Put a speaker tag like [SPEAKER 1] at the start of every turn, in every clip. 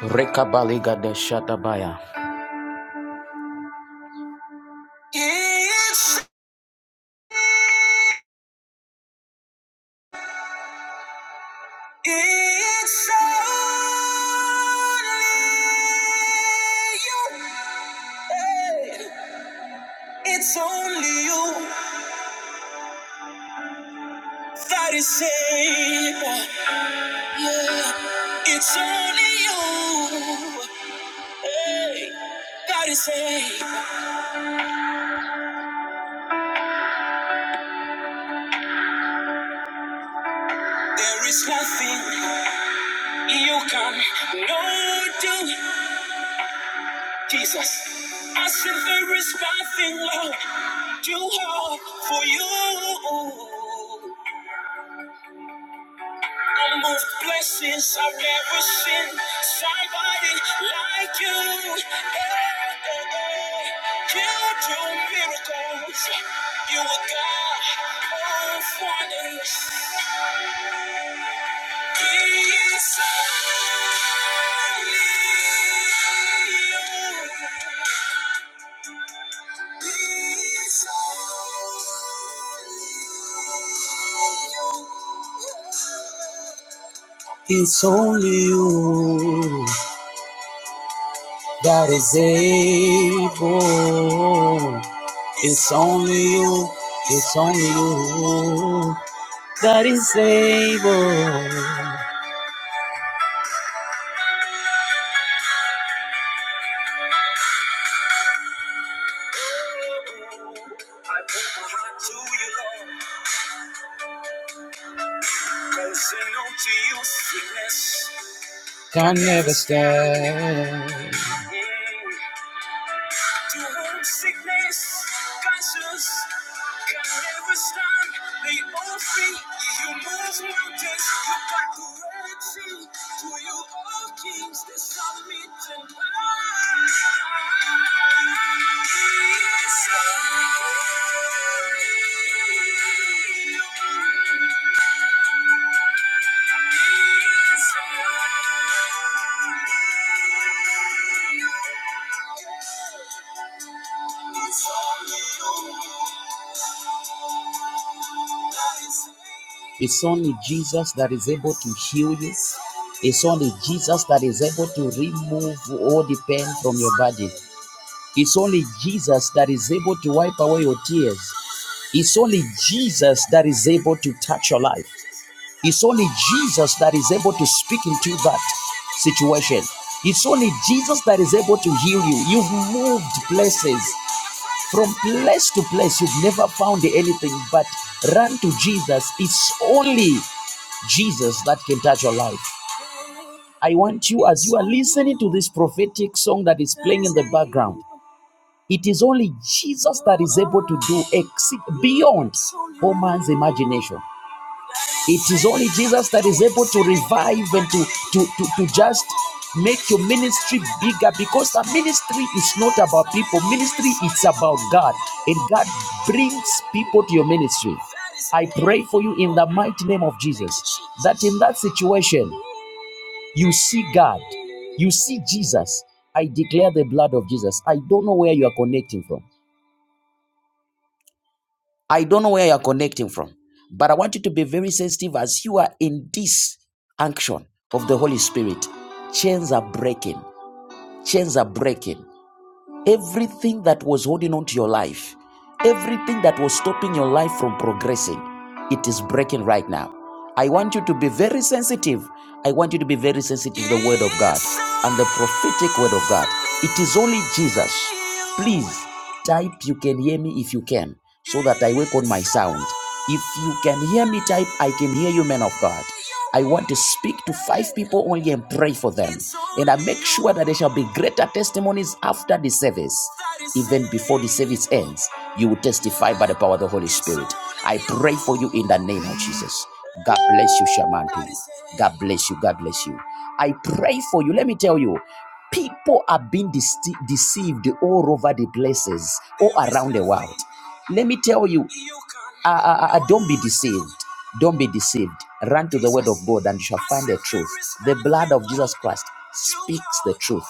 [SPEAKER 1] Rekabaliga de Shatabaya. It's, it's only you. Hey, It's only you that is able. Yeah. It's only you hey, that is able. There is nothing you can no do. Jesus. I said there is nothing left too hard for you. I moved blessings I've never seen. Somebody like you. Eh, eh, eh. You do miracles. You are God of wonders. It's only you. It's only It's only you that is able. It's only you. It's only you that is able. Can never stand. To whom sickness, conscience can never stand. They all free. You move mountains, you conquer Red Sea. To you all kings, they submit and bow. He is He is It's only Jesus that is able to heal you. It's only Jesus that is able to remove all the pain from your body. It's only Jesus that is able to wipe away your tears. It's only Jesus that is able to touch your life. It's only Jesus that is able to speak into that situation. It's only Jesus that is able to heal you. You've moved places. From place to place, you've never found anything, but run to Jesus. It's only Jesus that can touch your life. I want you, as you are listening to this prophetic song that is playing in the background, it is only Jesus that is able to do exceed beyond all man's imagination. It is only Jesus that is able to revive and to, to, to, to just make your ministry bigger because the ministry is not about people. Ministry is about God. And God brings people to your ministry. I pray for you in the mighty name of Jesus that in that situation you see God, you see Jesus. I declare the blood of Jesus. I don't know where you are connecting from. I don't know where you're connecting from, but I want you to be very sensitive as you are in this action of the Holy Spirit. Chains are breaking. Chains are breaking. Everything that was holding on to your life, everything that was stopping your life from progressing, it is breaking right now. I want you to be very sensitive. I want you to be very sensitive to the word of God and the prophetic word of God. It is only Jesus. Please type you can hear me if you can so that I work on my sound. If you can hear me type I can hear you men of God. I want to speak to five people only and pray for them. And I make sure that there shall be greater testimonies after the service. Even before the service ends, you will testify by the power of the Holy Spirit. I pray for you in the name of Jesus. God bless you, Shamanti. God bless you. God bless you. I pray for you. Let me tell you, people are being dece- deceived all over the places, all around the world. Let me tell you, uh, uh, uh, don't be deceived. Don't be deceived. Run to the word of God and you shall find the truth. The blood of Jesus Christ speaks the truth.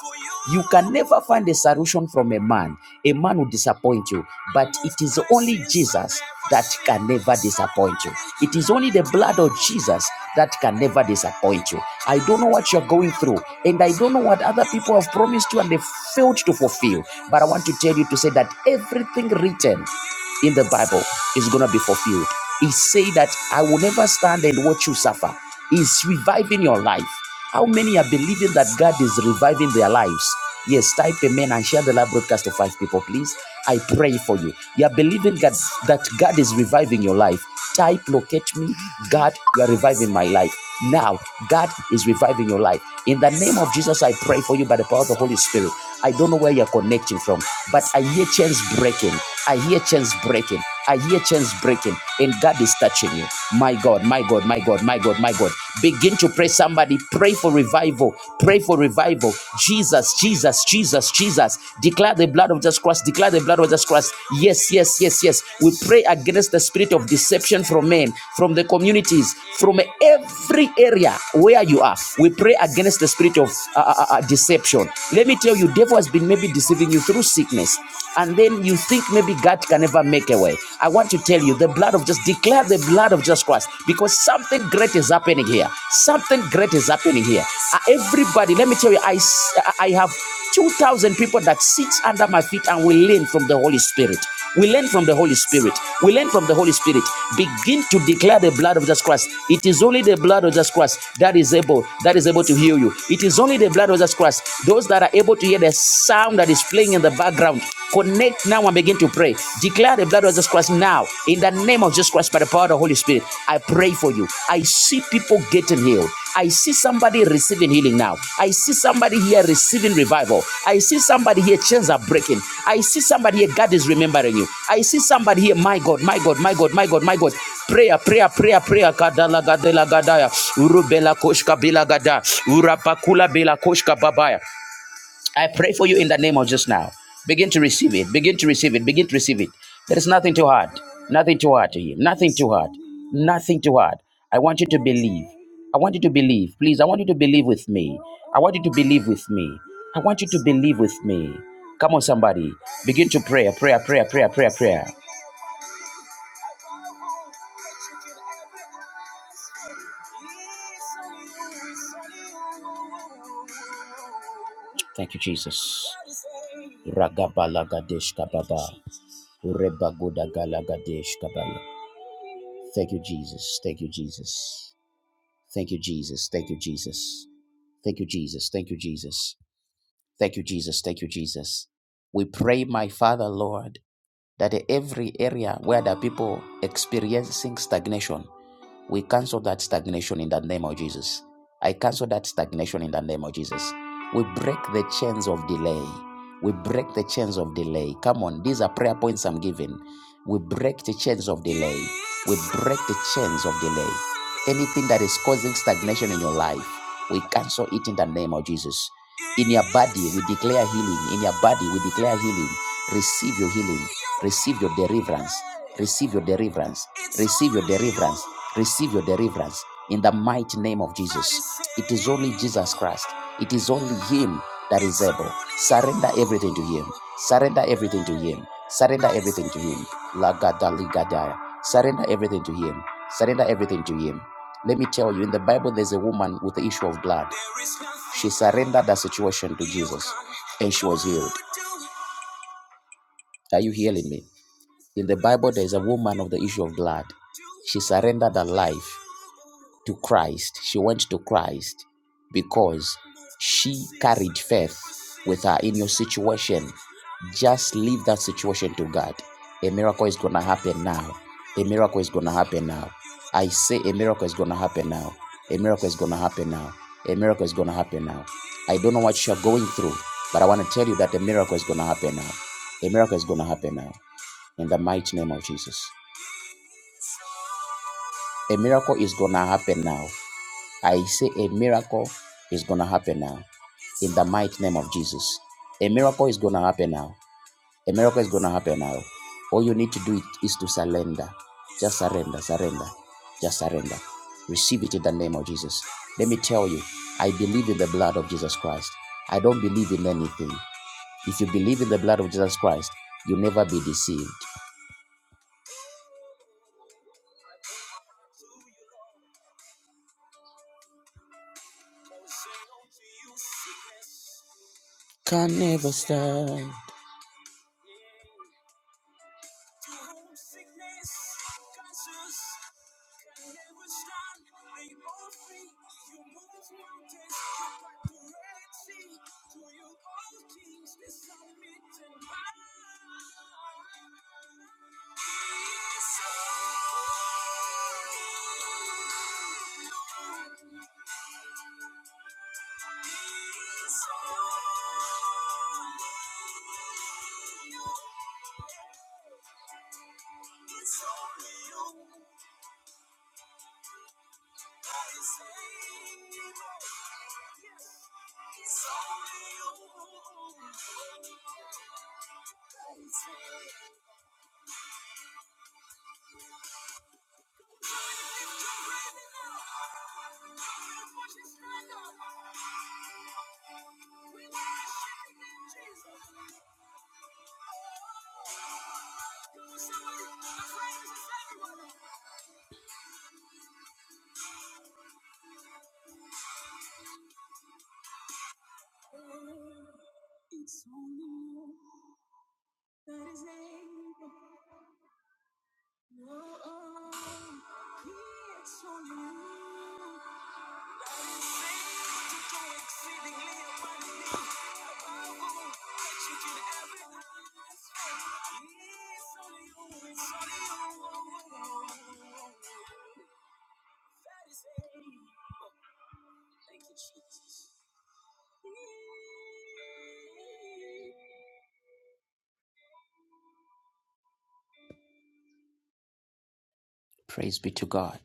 [SPEAKER 1] You can never find a solution from a man. A man will disappoint you, but it is only Jesus that can never disappoint you. It is only the blood of Jesus that can never disappoint you. I don't know what you're going through, and I don't know what other people have promised you and they failed to fulfill. But I want to tell you to say that every everything written in the Bible is going to be fulfilled. He say that I will never stand and watch you suffer. He's reviving your life. How many are believing that God is reviving their lives? Yes, type amen and share the live broadcast to five people, please. I pray for you. You are believing God, that God is reviving your life. Type, locate me. God, you are reviving my life. Now, God is reviving your life. In the name of Jesus, I pray for you by the power of the Holy Spirit. I don't know where you're connecting from, but I hear chains breaking. I hear chains breaking. I hear chains breaking, and God is touching you. My God, my God, my God, my God, my God. Begin to pray somebody. Pray for revival. Pray for revival. Jesus, Jesus, Jesus, Jesus. Declare the blood of Jesus Christ. Declare the blood of Jesus Christ. Yes, yes, yes, yes. We pray against the spirit of deception from men, from the communities, from every area where you are. We pray against the spirit of uh, uh, uh, deception. Let me tell you devil has been maybe deceiving you through sickness and then you think maybe god can never make a way i want to tell you the blood of just declare the blood of jesus christ because something great is happening here something great is happening here Uh, everybody let me tell you I I have 2000 people that sits under my feet and will learn from the holy spirit we learn from the Holy Spirit. We learn from the Holy Spirit. Begin to declare the blood of Jesus Christ. It is only the blood of Jesus Christ that is able, that is able to heal you. It is only the blood of Jesus Christ. Those that are able to hear the sound that is playing in the background, connect now and begin to pray. Declare the blood of Jesus Christ now in the name of Jesus Christ by the power of the Holy Spirit. I pray for you. I see people getting healed. I see somebody receiving healing now. I see somebody here receiving revival. I see somebody here chains are breaking. I see somebody here God is remembering you. I see somebody here, my God, my God, my God, my God, my God. Prayer, prayer, prayer, prayer. Kadala gadela gadaya. Urubela koshka bela gada. Urapakula bela koshka babaya. I pray for you in the name of just now. Begin to receive it. Begin to receive it. Begin to receive it. There is nothing too hard. Nothing too hard to you. Nothing too hard. Nothing too hard. I want you to believe. I want you to believe. Please, I want you to believe with me. I want you to believe with me. I want you to believe with me. Come on, somebody. Begin to pray. a Prayer, prayer, prayer, prayer, prayer. Thank you, Jesus. Ragabalagadesh kababa. Urebagodagalagadeshkabala. Thank you, Jesus. Thank you, Jesus. Thank you, Jesus. Thank you, Jesus. Thank you, Jesus. Thank you, Jesus. Thank you, Jesus. Thank you, Jesus. We pray, my Father, Lord, that every area where the people experiencing stagnation, we cancel that stagnation in the name of Jesus. I cancel that stagnation in the name of Jesus. We break the chains of delay. We break the chains of delay. Come on, these are prayer points I'm giving. We break the chains of delay. We break the chains of delay. Anything that is causing stagnation in your life, we cancel it in the name of Jesus. In your body, we declare healing. In your body, we declare healing. Receive your healing. Receive your deliverance. Receive your deliverance. Receive your deliverance. Receive your deliverance in the mighty name of Jesus. It is only Jesus Christ. It is only Him that is able. Surrender everything to Him. Surrender everything to Him. Surrender everything to Him. Lagadaligadaya. Surrender everything to Him. Surrender everything to Him. Let me tell you, in the Bible, there's a woman with the issue of blood. She surrendered her situation to Jesus and she was healed. Are you hearing me? In the Bible, there's a woman of the issue of blood. She surrendered her life to Christ. She went to Christ because she carried faith with her in your situation. Just leave that situation to God. A miracle is going to happen now. A miracle is going to happen now. I say a miracle is going to happen now. A miracle is going to happen now. A miracle is going to happen now. I don't know what you're going through, but I want to tell you that a miracle is going to happen now. A miracle is going to happen now in the mighty name of Jesus. A miracle is going to happen now. I say a miracle is going to happen now in the mighty name of Jesus. A miracle is going to happen now. A miracle is going to happen now. All you need to do is to surrender. Just surrender, surrender, just surrender. Receive it in the name of Jesus. Let me tell you, I believe in the blood of Jesus Christ. I don't believe in anything. If you believe in the blood of Jesus Christ, you'll never be deceived. can never stop. Praise be to God.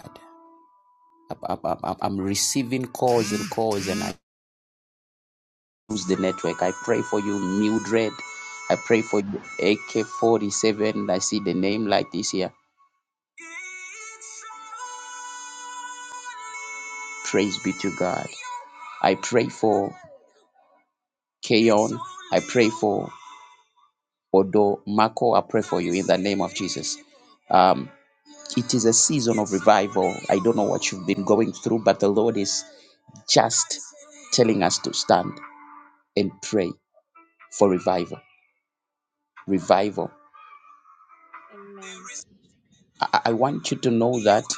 [SPEAKER 1] God. I'm, i I'm receiving calls and calls, and I use the network. I pray for you, Mildred. I pray for AK47. I see the name like this here. Praise be to God. I pray for Keon. I pray for Odo Mako. I pray for you in the name of Jesus. Um, it is a season of revival. I don't know what you've been going through, but the Lord is just telling us to stand and pray for revival. Revival.
[SPEAKER 2] Amen.
[SPEAKER 1] I I want you to know that.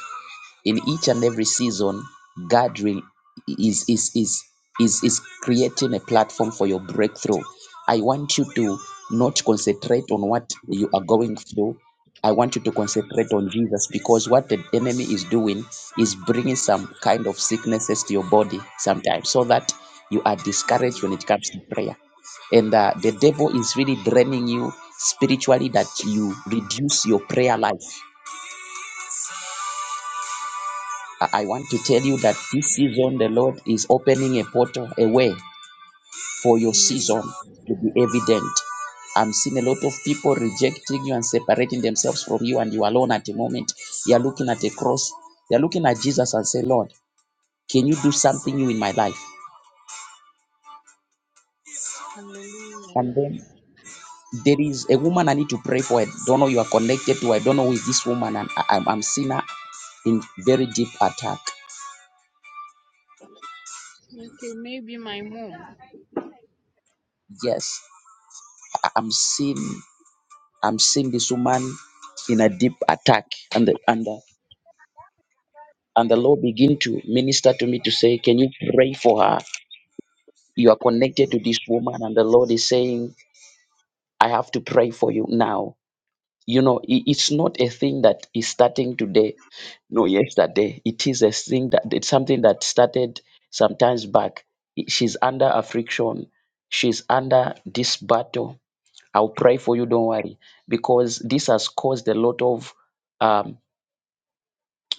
[SPEAKER 1] in each and every season gathering is is is is is creating a platform for your breakthrough i want you to not concentrate on what you are going through i want you to concentrate on jesus because what the enemy is doing is bringing some kind of sicknesses to your body sometimes so that you are
[SPEAKER 2] Yeah,
[SPEAKER 1] discouraged when it comes to prayer and uh, the devil is really draining you spiritually that you reduce your prayer life I I want to tell you that
[SPEAKER 2] Jesus.
[SPEAKER 1] this season the Lord is opening a portal, a way for your
[SPEAKER 2] Amen.
[SPEAKER 1] season to be evident. I'm seeing a lot of people rejecting you and separating themselves from you, and you alone at the moment. They are looking at the cross, they are looking at Jesus and say, Lord, can you do something new in my life?
[SPEAKER 2] Hallelujah.
[SPEAKER 1] And then there is a woman I need to pray for. I don't know you are connected to. I don't know who is this woman, and I, I'm, I'm seeing her in very deep attack.
[SPEAKER 2] Okay, maybe my mom.
[SPEAKER 1] Yes, I- I'm seeing. I'm seeing this woman in a deep attack, and the, and the, and the Lord begin to minister to me to say, "Can you pray for her? You are connected to this woman, and the Lord is saying, I have to pray for you now." You know, i- it's not a thing that is starting today, no, yesterday. It is a thing that it's something that started sometimes back. I- She's under affliction. She's under this battle. I'll pray for you. Don't worry, because this has caused a lot of um,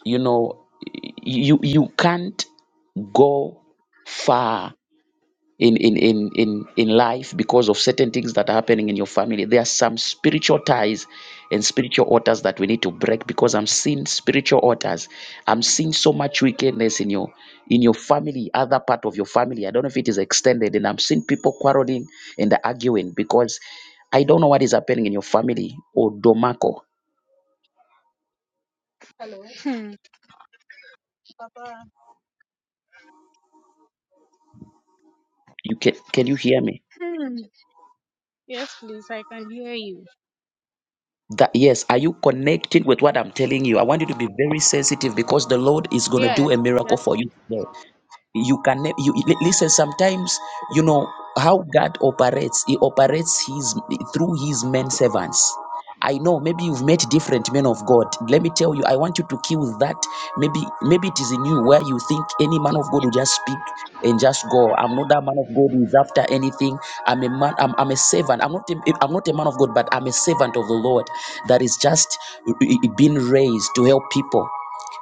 [SPEAKER 1] you know you you can't go far in in in in, in life because of certain things that are happening in your family there are some spiritual ties and spiritual altars that we need to break because i'm seeing spiritual altars i'm seeing so much wickedness in your in your family other part of your family i don't know if it is extended and i'm seeing people quarreling and arguing because i don't know what is happening in your family or domako
[SPEAKER 2] Hello. Hmm. Papa.
[SPEAKER 1] you can can you hear me
[SPEAKER 2] Hmm. Yes, please. I can hear you.
[SPEAKER 1] That yes, are you connecting with what I'm telling you? I want you to be very sensitive because the Lord is going to do
[SPEAKER 2] Yes.
[SPEAKER 1] a miracle
[SPEAKER 2] Yes,
[SPEAKER 1] for you.
[SPEAKER 2] please.
[SPEAKER 1] today you can ne- you li- listen sometimes you know how god operates he operates his through his men servants i know maybe you've met different men of god let me tell you i want you to kill that maybe maybe it is in you where you think any man of god will just speak and just go i'm not that man of god who is after anything i'm a man i'm, I'm a servant i'm not a, i'm not a man of god but i'm a servant of the lord that is just eh, eh, being raised to help people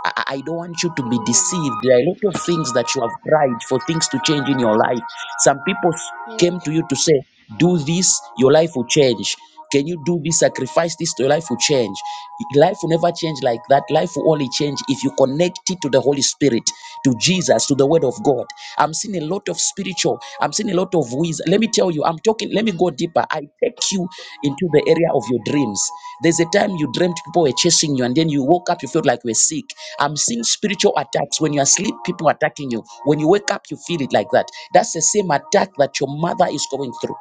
[SPEAKER 1] I, I don't want you to be
[SPEAKER 2] Amen.
[SPEAKER 1] deceived. There are a lot of things that you have tried for things to change in your life. Some people s-
[SPEAKER 2] Yes.
[SPEAKER 1] came to you to say, Do this, your life will change. Can you do this? Sacrifice this, your life will change. Life will never change like that. Life will only change if you connect it to the Holy Spirit, to Jesus, to the Word of God. I'm seeing a lot of spiritual. I'm seeing a lot of wisdom. Let me tell you, I'm talking, let me go deeper. I take you into the area of your dreams. There's a time you dreamt people were chasing you, and then you woke up, you felt like you were sick. I'm seeing spiritual attacks. When you're asleep, people attacking you. When you wake up, you feel it like that. That's the same attack that your mother is going through.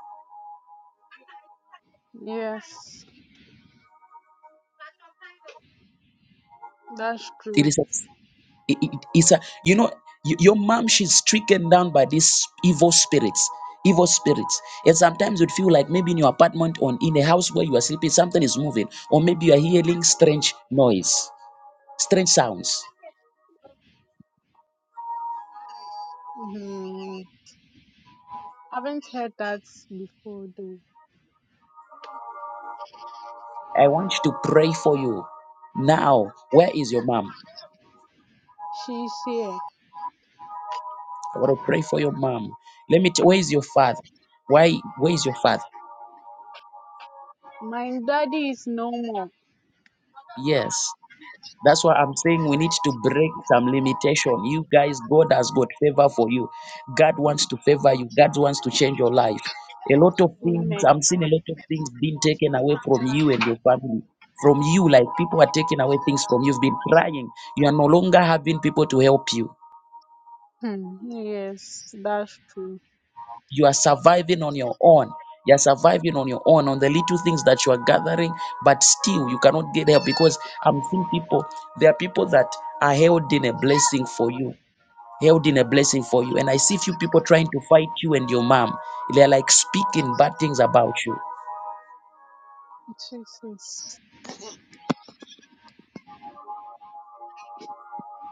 [SPEAKER 2] Yes. That's
[SPEAKER 1] It
[SPEAKER 2] true.
[SPEAKER 1] is. the It- it- it's a, you know, y- your mom, she's stricken down by these evil spirits. Evil spirits. And sometimes you'd feel like maybe in your apartment or in a house where you are sleeping, something is moving, or maybe you are hearing strange noise, strange sounds.
[SPEAKER 2] hmm Haven't heard that before though.
[SPEAKER 1] I want you to pray for you now. Where is your mom?
[SPEAKER 2] She's here.
[SPEAKER 1] I want to pray for your mom. Let me. T- where is your father? Why? Where is your father?
[SPEAKER 2] My daddy is no more.
[SPEAKER 1] Yes. That's why I'm saying we need to break some limitation. You guys, God has got favor for you. God wants to favor you. God wants to change your life. A lot of things,
[SPEAKER 2] Amen.
[SPEAKER 1] I'm seeing a lot of things being taken away from you and your family. From you, like people are taking away things from you. You've been crying. You are no longer having people to help you.
[SPEAKER 2] Hmm. Yes, that's true.
[SPEAKER 1] You are surviving on your own. You are surviving on your own on the little things that you are gathering, but still you cannot get help because I'm seeing people, there are people that are held in a blessing for you held in a blessing for you. And I see few people trying to fight you and your mom. They're like speaking bad things about you.
[SPEAKER 2] Jesus.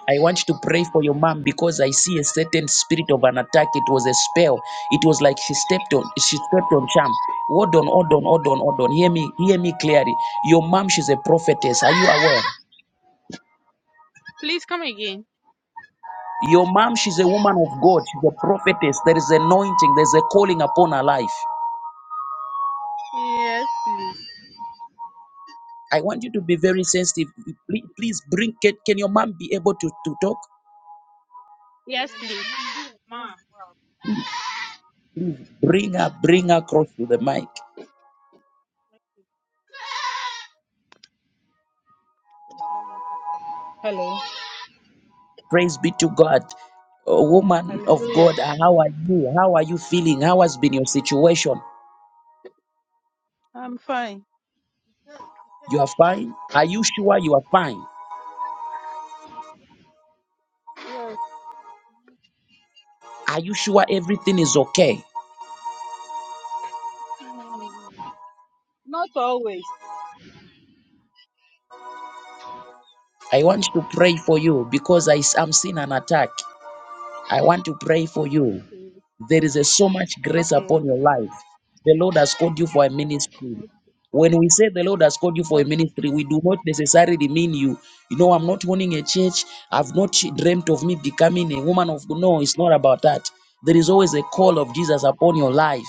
[SPEAKER 1] I want you to pray for your mom because I see a certain spirit of an attack. It was a spell. It was like she stepped on she stepped on charm. Hold on, hold on, hold on, hold on. Hear me, hear me clearly. Your mom, she's a prophetess. Are you aware?
[SPEAKER 2] Please come again.
[SPEAKER 1] Your mom, she's a woman of God. She's a prophetess. There is anointing. There's a calling upon her life.
[SPEAKER 2] Yes, please.
[SPEAKER 1] I want you to be very sensitive. Please, please bring. Can, can your mom be able to, to talk?
[SPEAKER 2] Yes, please. Ma.
[SPEAKER 1] Bring her, bring her across to the mic.
[SPEAKER 2] Hello.
[SPEAKER 1] Praise be to God. Oh, woman of
[SPEAKER 2] Hallelujah.
[SPEAKER 1] God, how are you? How are you feeling? How has been your situation?
[SPEAKER 2] I'm fine.
[SPEAKER 1] You are fine? Are you sure you are fine?
[SPEAKER 2] Yes.
[SPEAKER 1] Are you sure everything is okay?
[SPEAKER 2] Not always.
[SPEAKER 1] I want to pray for you because I, am seeing an attack. I want to pray for you.
[SPEAKER 2] Okay.
[SPEAKER 1] There is a, so much grace
[SPEAKER 2] Okay.
[SPEAKER 1] upon your life. The Lord has called you for a ministry. When we say the Lord has called you for a
[SPEAKER 2] Okay.
[SPEAKER 1] ministry, we do not necessarily mean you. You know, I'm not owning a church. I've not dreamt of me becoming a woman of God. No, it's not about that. There is always a call of Jesus upon your life.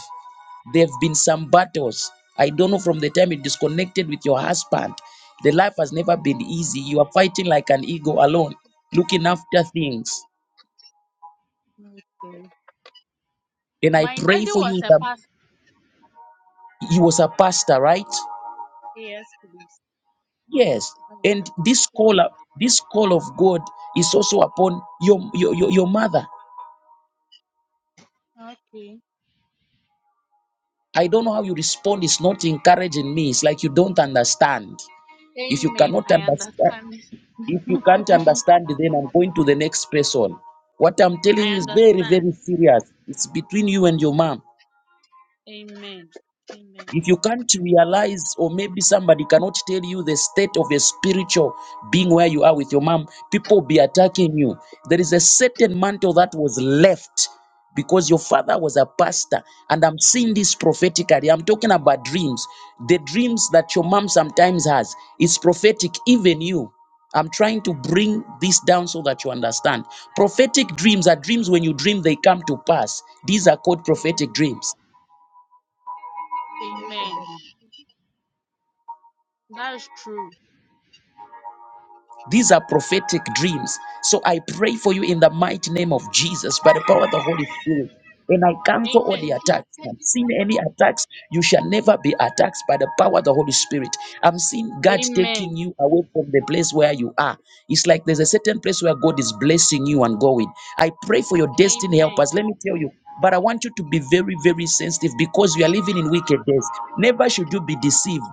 [SPEAKER 1] There have been some battles. I don't know from the time you disconnected with your husband. The life has never been easy. You are fighting like an ego alone, looking after things.
[SPEAKER 2] Okay.
[SPEAKER 1] And I
[SPEAKER 2] My
[SPEAKER 1] pray
[SPEAKER 2] daddy
[SPEAKER 1] for
[SPEAKER 2] was
[SPEAKER 1] you.
[SPEAKER 2] a pastor.
[SPEAKER 1] He was a pastor, right?
[SPEAKER 2] Yes, please.
[SPEAKER 1] Yes. And this call, up- this call of God is also upon your, your, your, your mother.
[SPEAKER 2] Okay.
[SPEAKER 1] I don't know how you respond. It's not encouraging me. It's like you don't understand. If you
[SPEAKER 2] Amen.
[SPEAKER 1] cannot
[SPEAKER 2] I
[SPEAKER 1] understand,
[SPEAKER 2] understand.
[SPEAKER 1] if you can't understand, then I'm going to the next person. What I'm telling
[SPEAKER 2] I
[SPEAKER 1] you is very,
[SPEAKER 2] understand.
[SPEAKER 1] very serious. It's between you and your mom.
[SPEAKER 2] Amen. Amen.
[SPEAKER 1] If you can't realize, or maybe somebody cannot tell you the state of a spiritual being where you are with your mom, people be attacking you. There is a certain mantle that was left because your father was a pastor. And I'm seeing this prophetically. I'm talking about dreams. The dreams that your mom sometimes has is prophetic, even you. I'm trying to bring this down so that you understand. Prophetic dreams are dreams when you dream, they come to pass. These are called prophetic
[SPEAKER 2] Amen.
[SPEAKER 1] dreams.
[SPEAKER 2] Amen. That's true.
[SPEAKER 1] These are prophetic dreams. So I pray for you in the mighty name of Jesus by the power of the Holy Spirit. And I cancel all
[SPEAKER 2] Amen.
[SPEAKER 1] the attacks. I'm seeing any attacks. You shall never be attacked by the power of the Holy Spirit. I'm seeing God taking
[SPEAKER 2] Amen.
[SPEAKER 1] you away from the place where you are. It's like there's a certain place where God is blessing you and going. I pray for your destiny
[SPEAKER 2] Amen.
[SPEAKER 1] helpers. Let me tell you, but I want you to be very, very sensitive because we are living in wicked days. Never should you be deceived.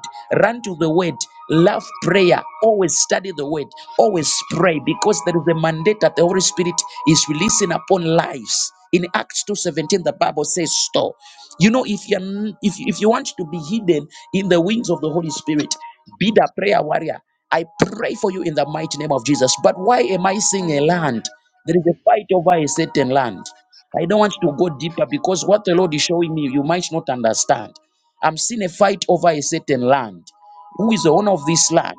[SPEAKER 1] Run to the word, love prayer, always study the word, always pray because there is a mandate that the Holy Spirit is releasing upon lives. In Acts 2:17, the Bible says, store. You know, if you are if, if you want to be hidden in the wings of the Holy Spirit, be the prayer warrior. I pray for you in the mighty name of Jesus. But why am I seeing a
[SPEAKER 2] Hallelujah.
[SPEAKER 1] land? There is a fight over a certain land. I don't want to go deeper because what the Lord is showing me, you might not understand. I'm seeing a fight over a certain land. Who is the owner of this land?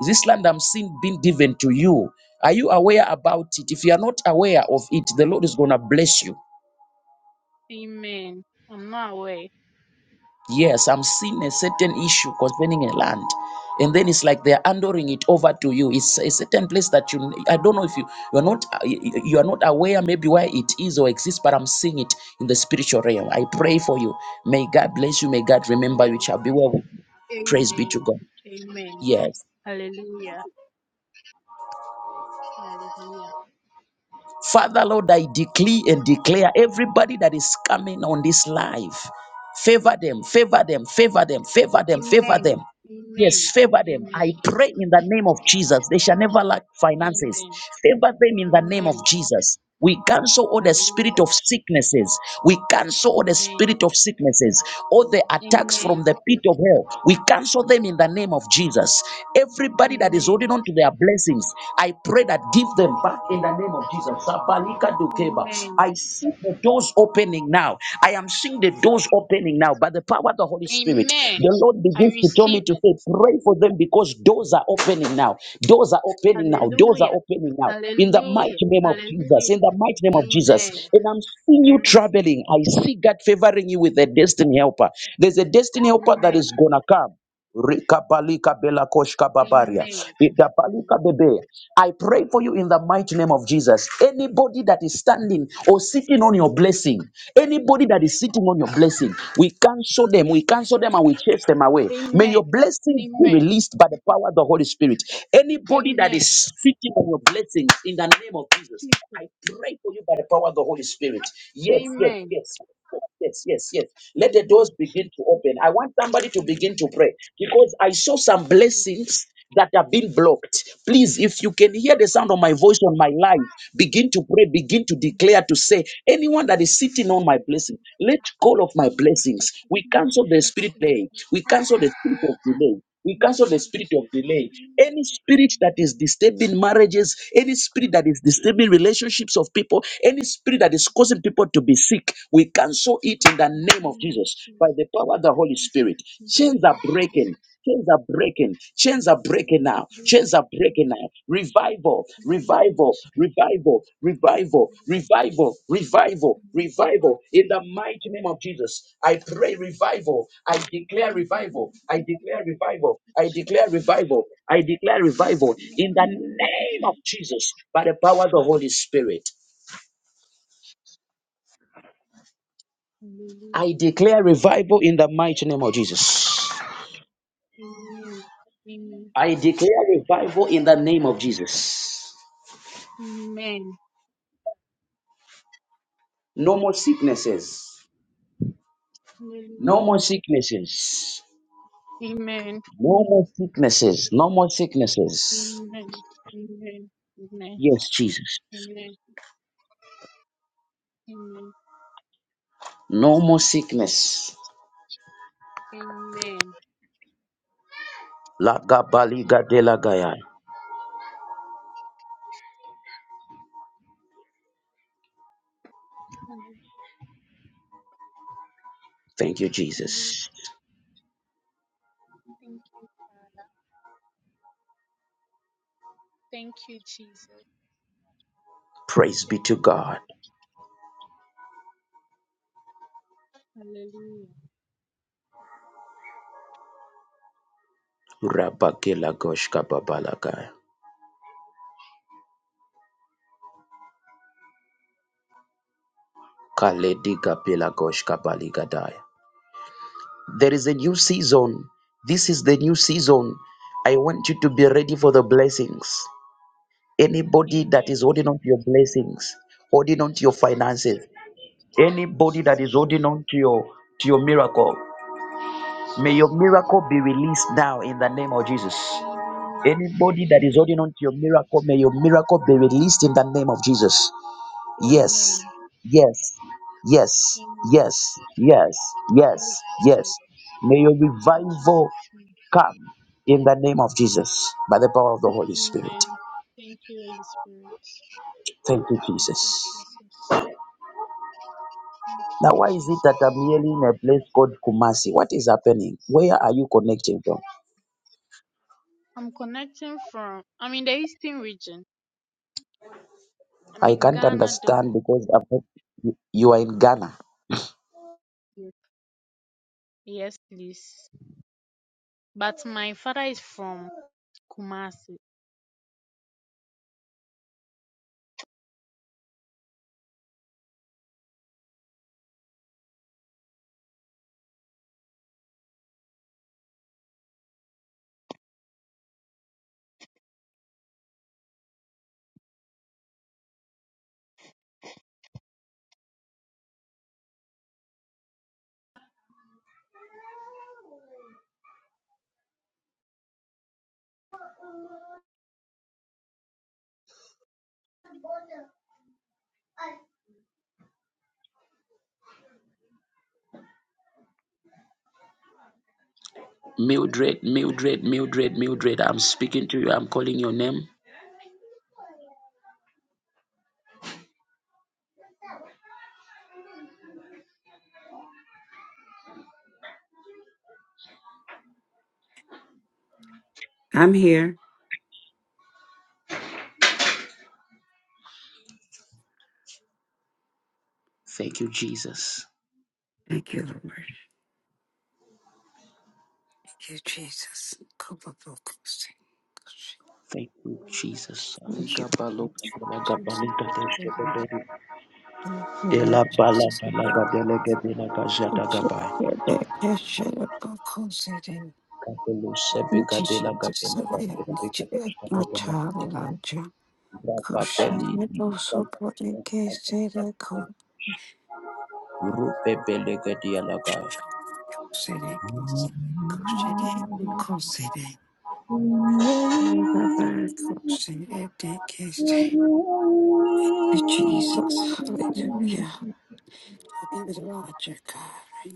[SPEAKER 1] Is this land I'm seeing being given to you? Are you aware about it? If you are not aware of it, the Lord is going to bless you.
[SPEAKER 2] Amen. I'm not aware.
[SPEAKER 1] Yes, I'm seeing a certain issue concerning a land. And then it's like they're handing it over to you. It's a certain place that you I don't know if you you're not you are not aware maybe where it is or exists, but I'm seeing it in the spiritual realm. I pray for you. May God bless you. May God remember you. It
[SPEAKER 2] Amen.
[SPEAKER 1] Shall be well. with you. Praise be to
[SPEAKER 2] Amen.
[SPEAKER 1] God.
[SPEAKER 2] Amen.
[SPEAKER 1] Yes.
[SPEAKER 2] Hallelujah. Hallelujah.
[SPEAKER 1] Father Lord, I decree and declare everybody that is coming on this live. Favor them, favor them, favor them, favor them, favor
[SPEAKER 2] Amen.
[SPEAKER 1] them.
[SPEAKER 2] Amen.
[SPEAKER 1] Yes, favor them. I
[SPEAKER 2] Amen.
[SPEAKER 1] pray in the name of Jesus. They shall never lack finances.
[SPEAKER 2] Amen.
[SPEAKER 1] Favor them in the name of
[SPEAKER 2] Amen.
[SPEAKER 1] Jesus. We cancel all the spirit
[SPEAKER 2] Hallelujah.
[SPEAKER 1] of sicknesses. We cancel all the
[SPEAKER 2] Amen.
[SPEAKER 1] spirit of sicknesses. All the attacks
[SPEAKER 2] Amen.
[SPEAKER 1] from the pit of hell. We cancel them in the name of Jesus. Everybody that is
[SPEAKER 2] Amen.
[SPEAKER 1] holding on to their blessings, I pray that give them back in the name of Jesus. Sabalika dukeba. I
[SPEAKER 2] Amen.
[SPEAKER 1] see the doors opening now. I am I'm seeing the doors opening now by the power of the Holy Spirit.
[SPEAKER 2] Amen.
[SPEAKER 1] The Lord
[SPEAKER 2] I
[SPEAKER 1] begins to tell me
[SPEAKER 2] receive
[SPEAKER 1] to
[SPEAKER 2] it.
[SPEAKER 1] say, pray for them because doors are opening now. Doors are opening now. Doors are
[SPEAKER 2] Hallelujah.
[SPEAKER 1] opening now. In the mighty
[SPEAKER 2] Hallelujah.
[SPEAKER 1] name of Jesus. In
[SPEAKER 2] Hallelujah.
[SPEAKER 1] the mighty name of Jesus.
[SPEAKER 2] Amen.
[SPEAKER 1] And I'm seeing
[SPEAKER 2] I
[SPEAKER 1] you
[SPEAKER 2] receive it.
[SPEAKER 1] traveling. I see God favoring you with a destiny helper. There's a destiny helper that
[SPEAKER 2] Amen.
[SPEAKER 1] is gonna come. Rikapalika belakoshka babaria.
[SPEAKER 2] Amen.
[SPEAKER 1] Idapalika
[SPEAKER 2] Amen.
[SPEAKER 1] bebe. I pray for you in the mighty name of Jesus. Anybody that is standing or sitting on your blessing, anybody that is sitting on your blessing, we cancel them, we cancel them, and we chase them away. May
[SPEAKER 2] Amen.
[SPEAKER 1] your blessings be
[SPEAKER 2] Amen.
[SPEAKER 1] released by the power of the Holy Spirit. Anybody that
[SPEAKER 2] Amen.
[SPEAKER 1] is sitting on your blessings in the name of Jesus, I
[SPEAKER 2] Jesus.
[SPEAKER 1] pray for you by the power of the Holy Spirit. Yes, yes,
[SPEAKER 2] Amen.
[SPEAKER 1] yes. Yes, yes, yes. Let the doors
[SPEAKER 2] Hallelujah.
[SPEAKER 1] begin to open. I want somebody to begin
[SPEAKER 2] Amen.
[SPEAKER 1] to pray because I saw some blessings that have been blocked. Please, if you can hear the sound of my voice on my life, begin to pray, begin to declare to say, anyone that is sitting
[SPEAKER 2] Only
[SPEAKER 1] on my blessing,
[SPEAKER 2] breaking
[SPEAKER 1] let go of my
[SPEAKER 2] no one will
[SPEAKER 1] blessings. We cancel the spirit of
[SPEAKER 2] blessings
[SPEAKER 1] delay.
[SPEAKER 2] and
[SPEAKER 1] We
[SPEAKER 2] all of
[SPEAKER 1] cancel
[SPEAKER 2] the
[SPEAKER 1] the spirit
[SPEAKER 2] spirit
[SPEAKER 1] of delay. We
[SPEAKER 2] in the
[SPEAKER 1] cancel the
[SPEAKER 2] name of
[SPEAKER 1] spirit of delay. Any spirit that
[SPEAKER 2] Jesus.
[SPEAKER 1] is disturbing marriages, any spirit that is disturbing relationships of people, any spirit that is causing causing people to be sick, we cancel it
[SPEAKER 2] All of
[SPEAKER 1] in
[SPEAKER 2] the
[SPEAKER 1] the
[SPEAKER 2] spirit in the
[SPEAKER 1] name of
[SPEAKER 2] name of
[SPEAKER 1] Jesus
[SPEAKER 2] Jesus.
[SPEAKER 1] by the power of the Holy
[SPEAKER 2] Cancel
[SPEAKER 1] Spirit.
[SPEAKER 2] it in the name
[SPEAKER 1] Chains are
[SPEAKER 2] of Jesus.
[SPEAKER 1] breaking. Chains are breaking. Chains are breaking
[SPEAKER 2] Only the
[SPEAKER 1] now. Chains
[SPEAKER 2] glory in
[SPEAKER 1] are
[SPEAKER 2] the name
[SPEAKER 1] breaking
[SPEAKER 2] of
[SPEAKER 1] now.
[SPEAKER 2] Jesus.
[SPEAKER 1] Revival,
[SPEAKER 2] in the name of
[SPEAKER 1] revival,
[SPEAKER 2] Jesus.
[SPEAKER 1] revival, revival, revival, revival, revival. In the mighty name of Jesus, I pray revival. I declare revival. I declare revival. I declare revival. I declare revival in the name of Jesus by the power of the Holy Spirit. I
[SPEAKER 2] Hallelujah.
[SPEAKER 1] declare revival in the mighty name of Jesus.
[SPEAKER 2] Amen.
[SPEAKER 1] I declare revival in the name of Jesus.
[SPEAKER 2] Amen. Amen.
[SPEAKER 1] No more sicknesses. No
[SPEAKER 2] Hallelujah.
[SPEAKER 1] more sicknesses.
[SPEAKER 2] Amen.
[SPEAKER 1] No more sicknesses. No more sicknesses.
[SPEAKER 2] Amen. Amen. Amen.
[SPEAKER 1] Yes, Jesus.
[SPEAKER 2] Amen. Amen.
[SPEAKER 1] No more sickness.
[SPEAKER 2] Amen.
[SPEAKER 1] Lagabaliga de lagaya. Thank you,
[SPEAKER 2] Hallelujah.
[SPEAKER 1] Jesus.
[SPEAKER 2] Thank you, Father. Thank you, Jesus.
[SPEAKER 1] Praise be
[SPEAKER 2] Thank
[SPEAKER 1] to
[SPEAKER 2] you.
[SPEAKER 1] God.
[SPEAKER 2] Hallelujah.
[SPEAKER 1] Rabagela goshka babalagaya. Kalediga bela goshka baligadaya. There is a new season. This is the new season. I want you to be ready for the blessings. Anybody that is
[SPEAKER 2] Amen.
[SPEAKER 1] holding on to your blessings, holding on to your
[SPEAKER 2] Jesus.
[SPEAKER 1] finances, anybody that is
[SPEAKER 2] Jesus.
[SPEAKER 1] holding on to your to your miracle, may your
[SPEAKER 2] Jesus.
[SPEAKER 1] miracle be released now in the name of Jesus.
[SPEAKER 2] Amen.
[SPEAKER 1] Anybody that is holding
[SPEAKER 2] Amen.
[SPEAKER 1] on to your miracle, may your miracle be released in the name of Jesus.
[SPEAKER 2] Amen.
[SPEAKER 1] Yes, yes, yes,
[SPEAKER 2] Amen.
[SPEAKER 1] yes, yes,
[SPEAKER 2] I
[SPEAKER 1] yes,
[SPEAKER 2] receive it
[SPEAKER 1] yes. May your
[SPEAKER 2] in
[SPEAKER 1] revival
[SPEAKER 2] Jesus' name.
[SPEAKER 1] Come in the name of Jesus by the power of the Holy Spirit.
[SPEAKER 2] Amen. Thank you, Holy Spirit.
[SPEAKER 1] Thank you,
[SPEAKER 2] Thank you,
[SPEAKER 1] Jesus.
[SPEAKER 2] Jesus. Thank
[SPEAKER 1] Now,
[SPEAKER 2] you,
[SPEAKER 1] why is it that
[SPEAKER 2] Jesus.
[SPEAKER 1] I'm merely in a place called Kumasi? What is happening? Where are you connecting from?
[SPEAKER 2] I'm connecting from I'm in the eastern region. I'm
[SPEAKER 1] I
[SPEAKER 2] in
[SPEAKER 1] can't
[SPEAKER 2] Ghana though.
[SPEAKER 1] understand because I've not- you you are in Ghana.
[SPEAKER 2] Yes, yes, please. But my father is from Kumasi.
[SPEAKER 1] Mildred, Mildred, Mildred, Mildred, I'm speaking to you. I'm calling your name.
[SPEAKER 3] I'm here.
[SPEAKER 1] Thank you, Jesus.
[SPEAKER 3] Thank you, Lord. Thank you, Jesus. Kubabukusi.
[SPEAKER 1] Thank you, Jesus.
[SPEAKER 3] Thank you.
[SPEAKER 1] Alika balo
[SPEAKER 3] Lord
[SPEAKER 1] shalaga
[SPEAKER 3] Jesus.
[SPEAKER 1] balika
[SPEAKER 3] Thank
[SPEAKER 1] deshke
[SPEAKER 3] you,
[SPEAKER 1] beberi.
[SPEAKER 3] Lord
[SPEAKER 1] Ela bala
[SPEAKER 3] Jesus.
[SPEAKER 1] balaga delege belaga jadaga
[SPEAKER 3] Take
[SPEAKER 1] bai.
[SPEAKER 3] care back. Yes, shut up, Bukusi, then.
[SPEAKER 1] Capello
[SPEAKER 3] Thank
[SPEAKER 1] Sebica
[SPEAKER 3] you,
[SPEAKER 1] de la
[SPEAKER 3] Jesus.
[SPEAKER 1] Capella
[SPEAKER 3] Sorry, I need
[SPEAKER 1] Babica
[SPEAKER 3] you back. My child,
[SPEAKER 1] Shababata
[SPEAKER 3] Elijah.
[SPEAKER 1] Rapa
[SPEAKER 3] Kushi,
[SPEAKER 1] Belli
[SPEAKER 3] that also brought in case they that Come,
[SPEAKER 1] Rupe Belega Dialaga
[SPEAKER 3] Kusi, that is. Kushi, that. Kusi, that. Kusi, that. Kusi, that. Kusi, that. you, Jesus. Hallelujah. He was Roger, God.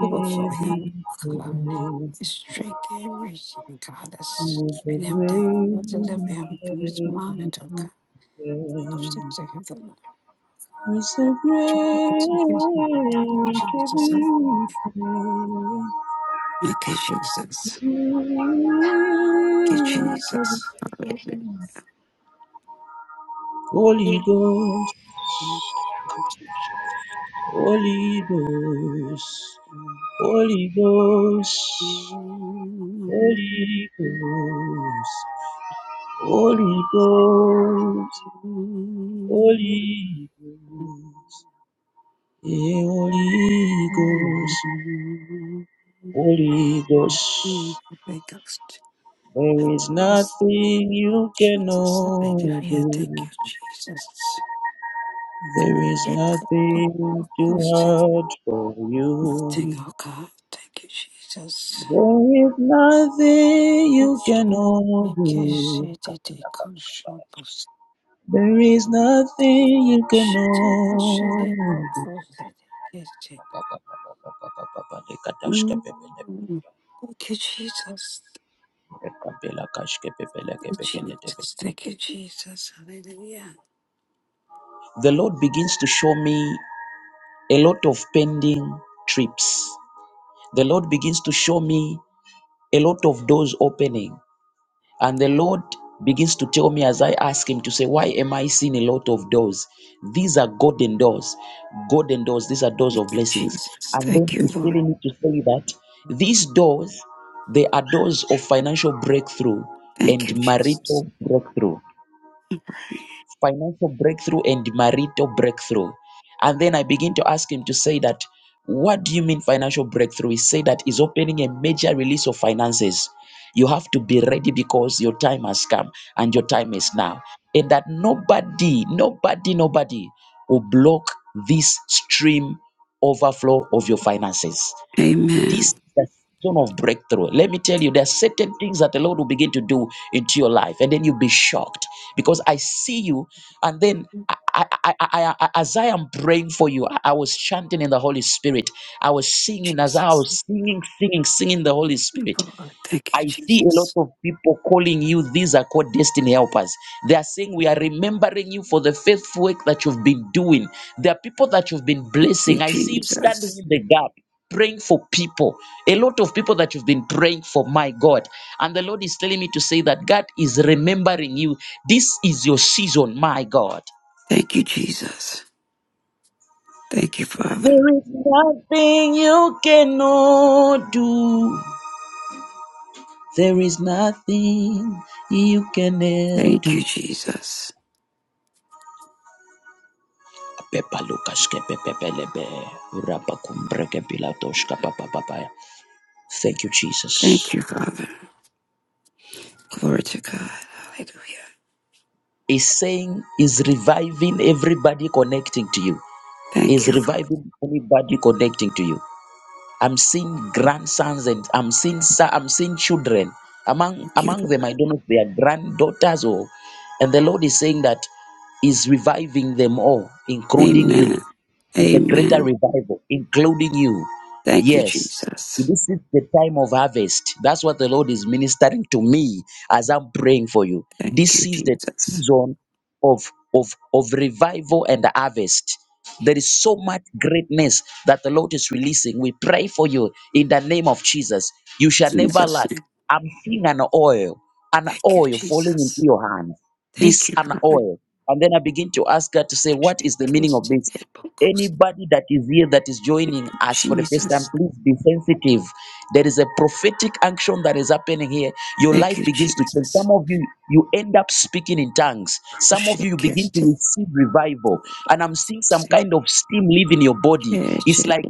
[SPEAKER 3] Overflow him. Come on. Strength and reason, God. That's bring him down.
[SPEAKER 1] Break
[SPEAKER 3] Deliver him from his
[SPEAKER 1] every
[SPEAKER 3] mind, oh
[SPEAKER 1] chain,
[SPEAKER 3] God.
[SPEAKER 1] break every chain.
[SPEAKER 3] Obstacles are his own.
[SPEAKER 1] It's a break.
[SPEAKER 3] It's in his name. Thank you, Jesus.
[SPEAKER 1] every
[SPEAKER 3] Thank you, Jesus. Thank you, Jesus.
[SPEAKER 1] Holy Ghost, Holy Ghost, Holy Ghost, Holy Ghost, Holy Ghost, Holy
[SPEAKER 3] Hallelujah.
[SPEAKER 1] Ghost, eh, Holy
[SPEAKER 3] Make
[SPEAKER 1] Ghost, Holy Ghost.
[SPEAKER 3] us
[SPEAKER 1] There is
[SPEAKER 3] Jesus,
[SPEAKER 1] nothing you
[SPEAKER 3] Jesus,
[SPEAKER 1] cannot
[SPEAKER 3] hallelujah. Thank
[SPEAKER 1] do.
[SPEAKER 3] you, Jesus.
[SPEAKER 1] There is
[SPEAKER 3] Thank
[SPEAKER 1] nothing too hard for you.
[SPEAKER 3] you, oh God. Thank you, Jesus.
[SPEAKER 1] There is nothing
[SPEAKER 3] Thank
[SPEAKER 1] you cannot
[SPEAKER 3] you,
[SPEAKER 1] do.
[SPEAKER 3] Jesus.
[SPEAKER 1] There is nothing you cannot
[SPEAKER 3] Thank you, Jesus. Mm. Thank you, Jesus.
[SPEAKER 1] do.
[SPEAKER 3] Jesus, thank you, Jesus. Hallelujah.
[SPEAKER 1] The Lord begins to show me a lot of pending trips. The Lord begins to show me a lot of doors opening. And the Lord begins to tell me as I ask Him to say, Why am I seeing a lot of doors? These are golden doors. Golden doors. These are doors
[SPEAKER 3] Thank
[SPEAKER 1] of
[SPEAKER 3] you,
[SPEAKER 1] blessings.
[SPEAKER 3] Jesus.
[SPEAKER 1] And then
[SPEAKER 3] Thank you,
[SPEAKER 1] He's
[SPEAKER 3] Lord.
[SPEAKER 1] telling me to say that these doors, they are doors of financial breakthrough
[SPEAKER 3] Thank
[SPEAKER 1] and
[SPEAKER 3] you, Jesus.
[SPEAKER 1] marital breakthrough financial breakthrough and marital breakthrough. And then I begin to ask him to say that, what do you mean financial breakthrough? He said that is opening a major release of finances. You have to be ready because your time has come and your time is now. And that nobody, nobody, nobody will block this stream overflow of your finances. This
[SPEAKER 3] Amen.
[SPEAKER 1] is the season of breakthrough. Let me tell you, there are certain things that the Lord will begin to do into your life, and then you'll be shocked because I see you, and then. I, I, I, I, I- as I am praying for you, I I was chanting in the Holy Spirit. I was singing as I
[SPEAKER 3] Jesus.
[SPEAKER 1] was singing, singing, singing the Holy
[SPEAKER 3] Thank
[SPEAKER 1] Spirit.
[SPEAKER 3] you, Father. Thank you,
[SPEAKER 1] I see a lot
[SPEAKER 3] Jesus.
[SPEAKER 1] of people calling you. These are called destiny helpers. They are saying, We are remembering you for the faithful work that you've been doing. There are people that you've been blessing. I
[SPEAKER 3] Thank you,
[SPEAKER 1] see you standing
[SPEAKER 3] Jesus.
[SPEAKER 1] in the gap, praying for people. A lot of people that you've been praying for, my God. And the Lord is telling me to say that God is remembering you. This is your season, my God.
[SPEAKER 3] Thank you, Jesus. Thank you, Father.
[SPEAKER 1] There is nothing you cannot do. There is nothing you cannot
[SPEAKER 3] Thank you,
[SPEAKER 1] do.
[SPEAKER 3] Jesus.
[SPEAKER 1] Thank you, Jesus.
[SPEAKER 3] Thank you, Father. Glory to God. Hallelujah.
[SPEAKER 1] Is saying is reviving everybody connecting to you.
[SPEAKER 3] Thank
[SPEAKER 1] Is
[SPEAKER 3] you, Father.
[SPEAKER 1] reviving anybody connecting to you. I'm seeing grandsons and I'm seeing so- I'm seeing children among
[SPEAKER 3] Thank you,
[SPEAKER 1] among them.
[SPEAKER 3] Lord.
[SPEAKER 1] I don't know if they are granddaughters or, and the Lord is saying that is reviving them all, including
[SPEAKER 3] Amen.
[SPEAKER 1] you. It's a greater
[SPEAKER 3] Amen.
[SPEAKER 1] revival, including you.
[SPEAKER 3] Thank you,
[SPEAKER 1] Yes.
[SPEAKER 3] Jesus.
[SPEAKER 1] This is the time of harvest. That's what the Lord is ministering to me as I'm praying for you.
[SPEAKER 3] Thank
[SPEAKER 1] This
[SPEAKER 3] you,
[SPEAKER 1] is the
[SPEAKER 3] Jesus.
[SPEAKER 1] season of of of revival and harvest. There is so much greatness that the Lord is releasing. We pray for you in the name of Jesus. You shall never
[SPEAKER 3] Jesus'
[SPEAKER 1] lack.
[SPEAKER 3] name.
[SPEAKER 1] I'm seeing an oil, an
[SPEAKER 3] Thank you,
[SPEAKER 1] oil falling into
[SPEAKER 3] Jesus.
[SPEAKER 1] your hand.
[SPEAKER 3] Thank
[SPEAKER 1] This
[SPEAKER 3] you,
[SPEAKER 1] an
[SPEAKER 3] Father.
[SPEAKER 1] oil. And then I begin to ask God to say, What is the meaning of this? Anybody that is here that is joining us for the first time,
[SPEAKER 3] Jesus.
[SPEAKER 1] please be sensitive. There is a prophetic action that is happening here. Your
[SPEAKER 3] Thank
[SPEAKER 1] life
[SPEAKER 3] you,
[SPEAKER 1] begins to change.
[SPEAKER 3] Jesus.
[SPEAKER 1] Some of you, you end up speaking in tongues. Some of you, you begin to
[SPEAKER 3] Shekeste,
[SPEAKER 1] receive revival. And I'm seeing some kind of steam leaving your body.
[SPEAKER 3] shekeste,
[SPEAKER 1] It's like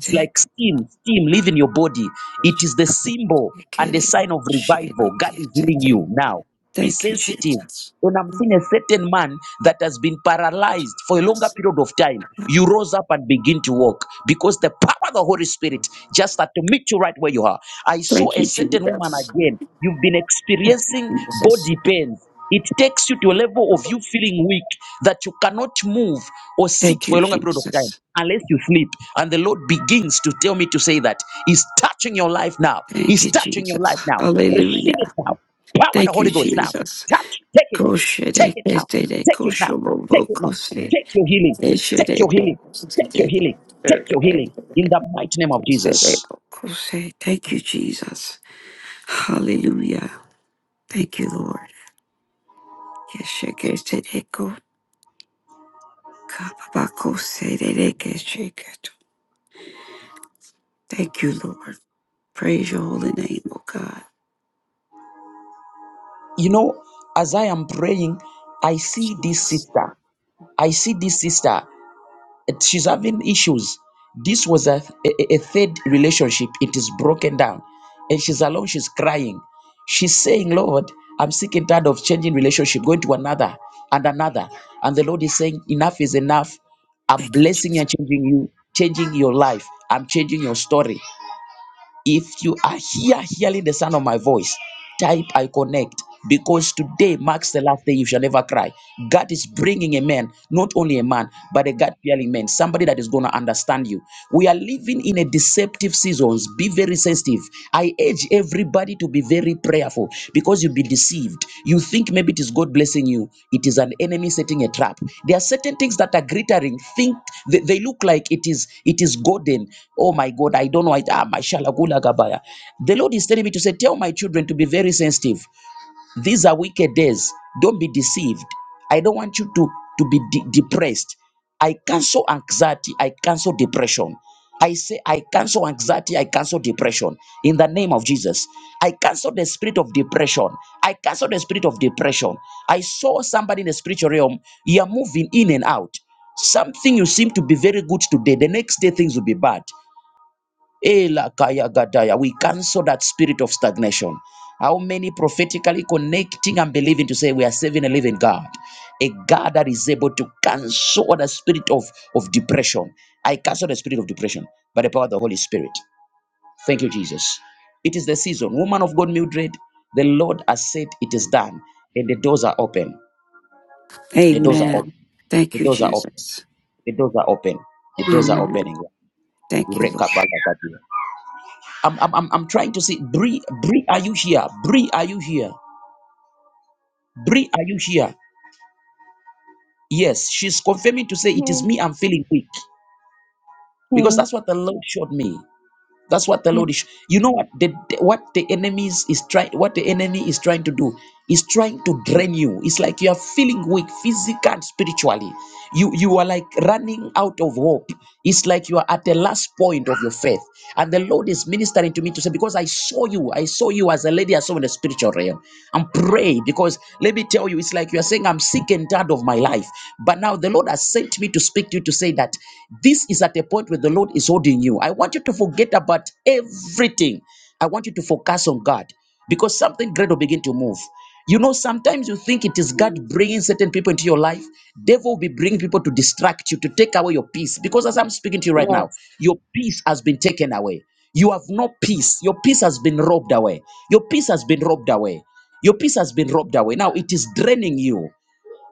[SPEAKER 1] it's like steam, steam leaving your body. It is
[SPEAKER 3] shekeste,
[SPEAKER 1] the symbol and the
[SPEAKER 3] shekere,
[SPEAKER 1] sign of revival. God is healing
[SPEAKER 3] shekeste.
[SPEAKER 1] you now. Be
[SPEAKER 3] Thank you,
[SPEAKER 1] sensitive.
[SPEAKER 3] Jesus.
[SPEAKER 1] When I'm seeing a certain man that has been paralyzed for a longer period of time, you rose up and begin to walk because the power of the Holy Spirit just had to meet you right where you are. I saw
[SPEAKER 3] Thank
[SPEAKER 1] a
[SPEAKER 3] you,
[SPEAKER 1] certain woman
[SPEAKER 3] Jesus.
[SPEAKER 1] again. You've been experiencing body pains. It takes you to a level of you feeling weak that you cannot move or sit
[SPEAKER 3] Thank you, Jesus. Thank you,
[SPEAKER 1] for a longer period of time
[SPEAKER 3] Jesus.
[SPEAKER 1] unless you sleep. And the Lord begins to tell me to say that He's touching your life now.
[SPEAKER 3] Thank
[SPEAKER 1] He's
[SPEAKER 3] you,
[SPEAKER 1] touching your life
[SPEAKER 3] Jesus.
[SPEAKER 1] now. Receive
[SPEAKER 3] Hallelujah.
[SPEAKER 1] it now. Power of the
[SPEAKER 3] Thank you,
[SPEAKER 1] Holy Ghost now.
[SPEAKER 3] Jesus.
[SPEAKER 1] Touch. Take it. Take
[SPEAKER 3] Koshere
[SPEAKER 1] it now.
[SPEAKER 3] kestere
[SPEAKER 1] Take it now. Take
[SPEAKER 3] koshobo
[SPEAKER 1] it now.
[SPEAKER 3] kose.
[SPEAKER 1] Take your healing. Take
[SPEAKER 3] Eshere
[SPEAKER 1] your healing. Take your healing. Take your healing in the mighty name of Jesus.
[SPEAKER 3] kosere. Thank you, Jesus. Hallelujah. Thank you, Lord. Yesheketereko, kababakosererekesheketo. Thank you, Lord. Praise your holy name, O God.
[SPEAKER 1] You know, as I am praying, I see this
[SPEAKER 3] Jesus.
[SPEAKER 1] sister. I see this sister. She's having issues. This was a, a, a third relationship. It is broken down. And she's alone. She's crying. She's saying, Lord, I'm sick and tired of changing relationship, going to another and another. And the Lord is saying, enough is enough. I'm
[SPEAKER 3] Thank you,
[SPEAKER 1] blessing
[SPEAKER 3] Jesus.
[SPEAKER 1] and changing you, changing your life. I'm changing your story. If you are here hearing the sound of my voice, type I connect because today marks the last day you shall never cry. God is bringing a man, not only a man, but a God fearing man, somebody that is going to understand you. We are living in a deceptive seasons. Be very sensitive. I urge everybody everybody to be very prayerful because you'll be deceived. You think maybe it is God blessing you, it is an enemy setting a trap. There are certain things that are glittering. Think they, they look like it is it is golden. Oh my God, I don't know. I, ah, my shalagula gabaya. The Lord is telling me to say, tell my children to be very sensitive. These are wicked days. Don't be deceived. I don't want you to, to be de- depressed. I cancel anxiety. I cancel depression. I say, I cancel anxiety. I cancel depression in the name of Jesus. I cancel the spirit of depression. I cancel the spirit of depression. I saw somebody in the spiritual realm. You are moving in and out. Something you seem to be very good today. The next day, things will be bad. Ela kaya gadaya. We cancel that spirit of stagnation. How many prophetically connecting and believing to say we are serving a living God? A God that is able to cancel the spirit of, of depression. I cancel the spirit of depression by the power of the Holy Spirit. Thank you, Jesus. It is the season. Woman of God, Mildred, the Lord has said it is done, and the doors are open. The doors are open.
[SPEAKER 3] Amen. Thank
[SPEAKER 1] The
[SPEAKER 3] you,
[SPEAKER 1] doors are open.
[SPEAKER 3] Jesus.
[SPEAKER 1] The doors are open. The doors are
[SPEAKER 3] Amen.
[SPEAKER 1] opening.
[SPEAKER 3] Thank you, Lord.
[SPEAKER 1] I'm, I'm, I'm, I'm trying to see. Bree, Bree, are you here? Bree, are you here? Bree, are you here? Yes, she's confirming to say it is me. I'm feeling weak because
[SPEAKER 4] Okay.
[SPEAKER 1] that's what the Lord showed me. That's what the
[SPEAKER 4] Yeah.
[SPEAKER 1] Lord is. You know what the what the enemies is trying what the enemy is trying to do is trying to drain you. It's like you are feeling weak physically and spiritually. You you are like running out of hope. It's like you are at the last point of your faith. And the Lord is ministering to me to say, because I saw you, I saw you as a lady, I saw in the spiritual realm. And pray because let me tell you, it's like you are saying, I'm sick and tired of my life. But now the Lord has sent me to speak to you to say say that this is at a point where the Lord is holding you. I want you to forget about everything. I want you to focus on God because something great will begin to move. You know, sometimes you think it is God bringing certain people into your life. Devil will be bringing people to distract you, to take away your peace. Because as I'm speaking to you right
[SPEAKER 4] Yes.
[SPEAKER 1] now, your peace has been taken away. You have no peace. Your peace has been robbed away. Your peace has been robbed away. Your peace has been robbed away. Now it is draining you.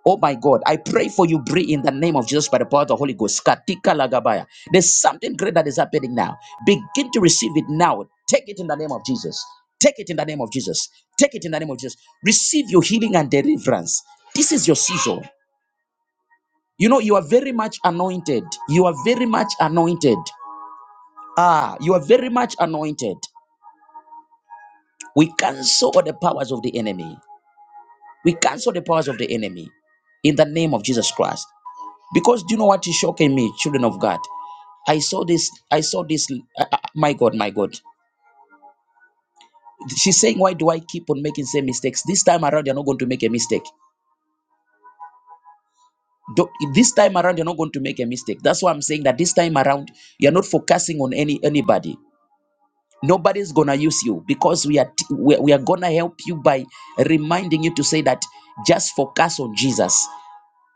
[SPEAKER 1] Oh my God, I pray for you, Bree, in the name of Jesus by the power of the Holy Ghost. Katika lagabaya. There's something great that is happening now. Begin to receive it now. Take it in the name of Jesus. Take it in the name of Jesus. Take it in the name of Jesus. Receive your healing and deliverance. This is your season. You know, you are very much anointed. You are very much anointed. Ah, you are very much anointed. We cancel all the powers of the enemy. We cancel the powers of the enemy in the name of Jesus Christ. Because do you know what is shocking me, children of God? I saw this. I saw this. uh, uh, my God, my God. She's saying, why do I keep on making same mistakes? This time around, you're not going to make a mistake. do This time around, you're not going to make a mistake. That's why I'm saying that this time around, you're not focusing on any anybody. Nobody's gonna use you because we are t- we are we are gonna help you by reminding you to say that just focus on Jesus.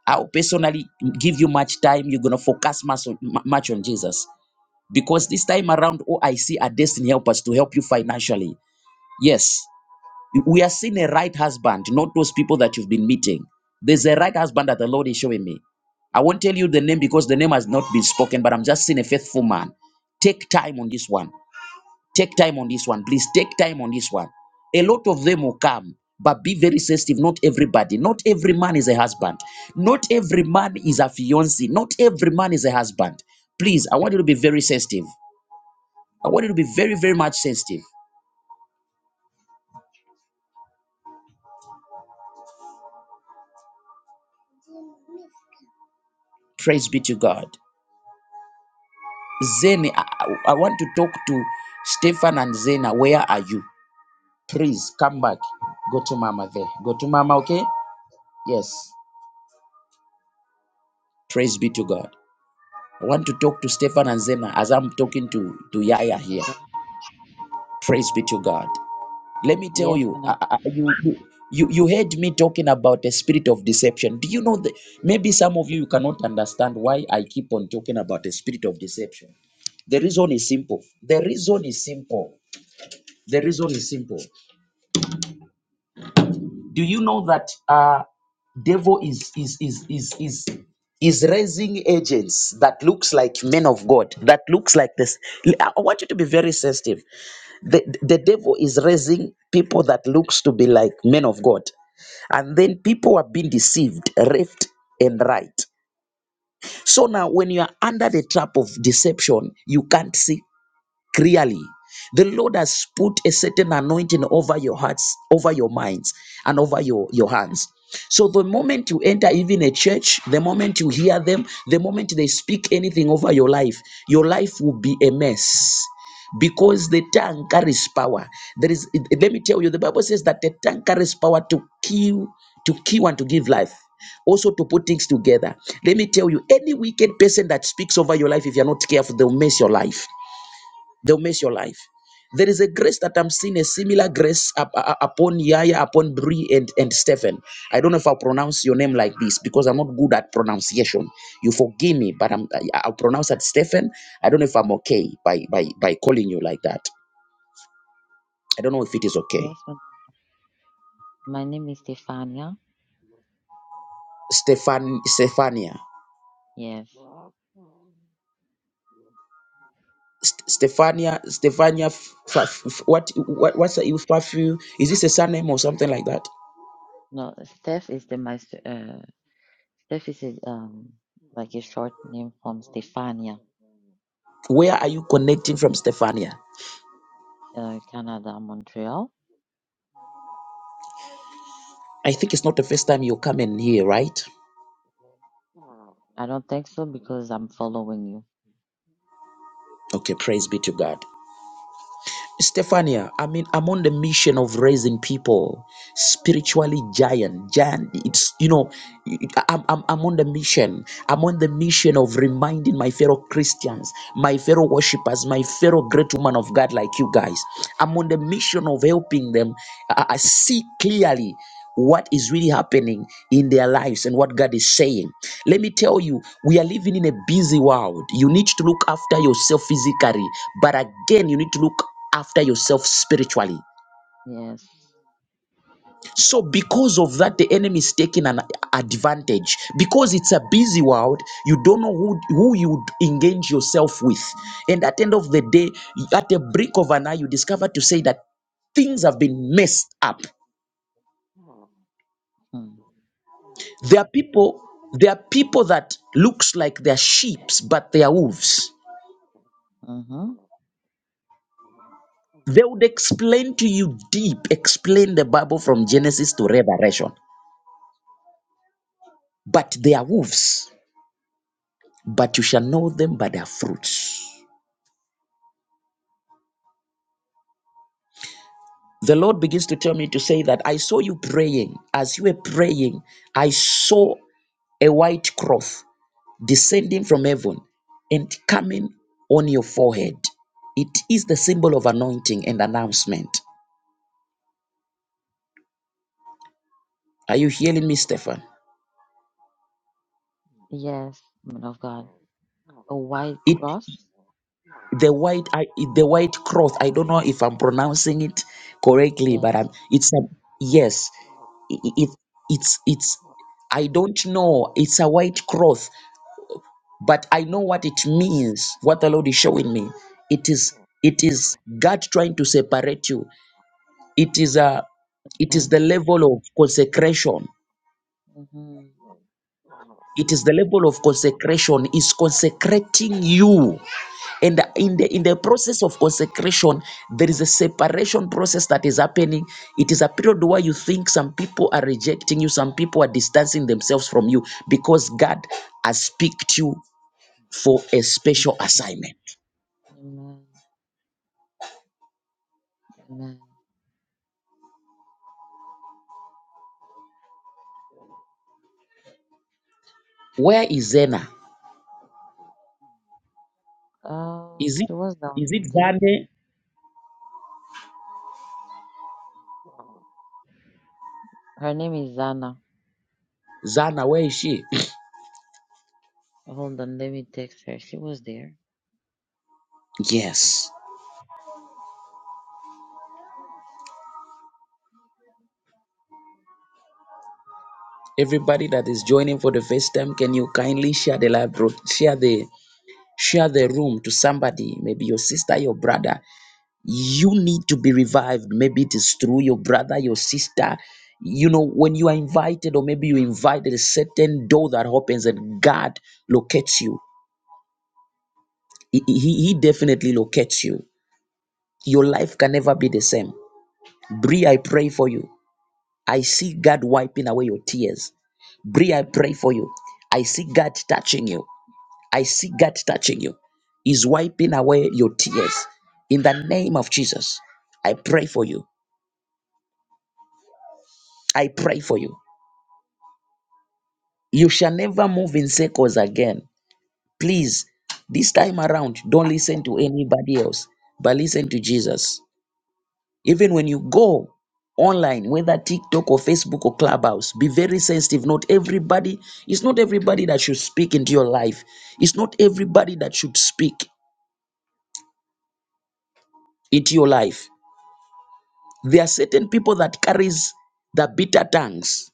[SPEAKER 1] I'll personally give you much time. You're gonna focus much on, mu- much on Jesus because this time around, oh, I see a destiny help us to help you financially. Yes, We are seeing a right husband, not those people that you've been meeting. There's a right husband that the Lord is showing me. I won't tell you the name because the name has not been spoken, but I'm just seeing a faithful man. Take time on this one. Take time on this one. Please take time on this one. A lot of them will come, but be very sensitive. Not everybody. Not every man is a husband. Not every man is a fiancé. Not every man is a husband. Please, I want you to be very sensitive. I want you to be very, very much sensitive. Praise be to God. Zeni, I, I want to talk to Stefan and Zena. Where are you? Please come back. Go to Mama there. Go to Mama, okay? Yes. Praise be to God. I want to talk to Stefan and Zena as I'm talking to, to
[SPEAKER 5] Hello,
[SPEAKER 1] Yaya here.
[SPEAKER 5] Olga.
[SPEAKER 1] Praise be to God. Let me tell
[SPEAKER 5] Yes,
[SPEAKER 1] you,
[SPEAKER 5] madam.
[SPEAKER 1] I, I- you, you you you heard me talking about the spirit of deception. Do you know that maybe some of you you cannot understand why I keep on talking about the spirit of deception? The reason is simple. The reason is simple. The reason is simple. Do you know that uh, devil is is is is is is raising agents that looks like men of God, that looks like this. I I want you to be very sensitive. The, the devil is raising people that looks to be like men of God. And then people are being deceived left and right. So now when you are under the trap of deception, you can't see clearly. The Lord has put a certain anointing over your hearts, over your minds, and over your, your hands. So the moment you enter even a church, the moment you hear them, the moment they speak anything over your life, your life will be a mess. Because the tongue carries power. There is let me tell you, the Bible says that the tongue carries power to kill, to kill and to give life. Also to put things together. Let me tell you, any wicked person that speaks over your life, if you're not careful, they'll mess your life. They'll mess your life. There is a grace that I'm seeing, a similar grace up- up- upon Yaya, upon Bree and, and Stephen. I don't know if I'll pronounce your name like this because I'm not good at pronunciation. You forgive me, but I'm, I- I'll pronounce it Stephen. I don't know if I'm okay by, by, by calling you like that. I don't know if it is okay.
[SPEAKER 5] Yes, madam. My name is Stefania.
[SPEAKER 1] Stefan, Stefania.
[SPEAKER 5] Yes.
[SPEAKER 1] St- Stefania, Stefania, F- F- F- what, what, what's the, Fafu? Is this a surname or something like that?
[SPEAKER 5] No, Steph is the my uh, Steph is a, um like a short name from Stefania,
[SPEAKER 1] Where are you connecting from, Stefania?
[SPEAKER 5] uh, Canada, Montreal.
[SPEAKER 1] I think it's not the first time you're coming here, right?
[SPEAKER 5] I don't think so because I'm following you.
[SPEAKER 1] Okay, praise be to God. Stephania, I mean, I'm on the mission of raising people, spiritually giant, giant. It's you know, I'm, I'm I'm on the mission. I'm on the mission of reminding my fellow Christians, my fellow worshippers, my fellow great woman of God like you guys. I'm on the mission of helping them. I, I see clearly what is really happening in their lives and what God is saying. Let me tell you, we are living in a busy world. You need to look after yourself physically, but again, you need to look after yourself spiritually.
[SPEAKER 5] Yes.
[SPEAKER 1] So, because of that, the enemy is taking an advantage. Because it's a busy world, you don't know who, who you would engage yourself with. And at the end of the day, at the brink of an eye, you discover to say that things have been messed up.
[SPEAKER 5] Mm.
[SPEAKER 1] There are people, there are people that looks like they're sheep, but they are wolves.
[SPEAKER 5] Mm-hmm.
[SPEAKER 1] They would explain to you deep, explain the Bible from Genesis to Revelation, but they are wolves but you shall know them by their fruits. The Lord begins to tell me to say that I saw you praying. As you were praying, I saw a white cloth descending from heaven and coming on your forehead. It is the symbol of anointing and announcement. Are you hearing me, Stefan?
[SPEAKER 5] Yes, man of God. A white
[SPEAKER 1] It
[SPEAKER 5] cross.
[SPEAKER 1] the white I, the white cloth. I don't know if I'm pronouncing it correctly, but I'm,
[SPEAKER 5] Yes.
[SPEAKER 1] it's a yes. i- it, it's it's I don't know. It's a white cloth. but I know what it means, what the Lord is showing me. It is it is God trying to separate you. It is a it is
[SPEAKER 5] Amen.
[SPEAKER 1] the level of consecration.
[SPEAKER 5] Mm-hmm.
[SPEAKER 1] It is the level of consecration is consecrating you. And in
[SPEAKER 5] Amen.
[SPEAKER 1] the in the process of consecration, there is a separation process that is happening. It is a period where you think some people are rejecting you, some people are distancing themselves from you because God has picked you for a special
[SPEAKER 5] Mm-hmm.
[SPEAKER 1] assignment.
[SPEAKER 5] Amen. Amen.
[SPEAKER 1] Where is Zena?
[SPEAKER 5] Uh,
[SPEAKER 1] Is it
[SPEAKER 5] she was
[SPEAKER 1] is
[SPEAKER 5] down
[SPEAKER 1] it
[SPEAKER 5] there.
[SPEAKER 1] Zane?
[SPEAKER 5] Her name is Zana.
[SPEAKER 1] Zana, where is she?
[SPEAKER 5] Hold on, let me text her. She was there.
[SPEAKER 1] Yes. Everybody that is joining for the first time, can you kindly share the live bro- share the share the room to somebody, maybe your sister, your brother. You need to be revived. Maybe it is through your brother, your sister. You know, when you are invited, or maybe you invited a certain door that opens and God locates you. He, he, he definitely locates you. Your life can never be the same. Bree, I pray for you. I see God wiping away your tears. Bree, I pray for you. I see God touching you. I see God touching you. He's wiping away your tears. In the name of Jesus, I pray for you. I pray for you. You shall never move in circles again. Please, this time around, don't listen to anybody else, but listen to Jesus. Even when you go online, whether TikTok or Facebook or Clubhouse, be very sensitive. Not everybody, it's not everybody that should speak into your life. It's not everybody that should speak into your life. There are certain people that carries the bitter tongues.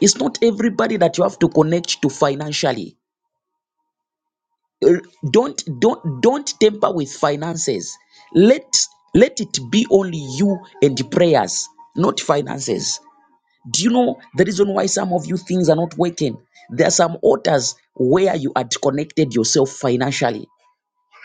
[SPEAKER 1] It's not everybody that you have to connect to financially. Er, Don't don't don't temper with finances. Let let it be only you and prayers, not finances. Do you know the reason why some of you things are not working? There are some altars where you had connected yourself financially.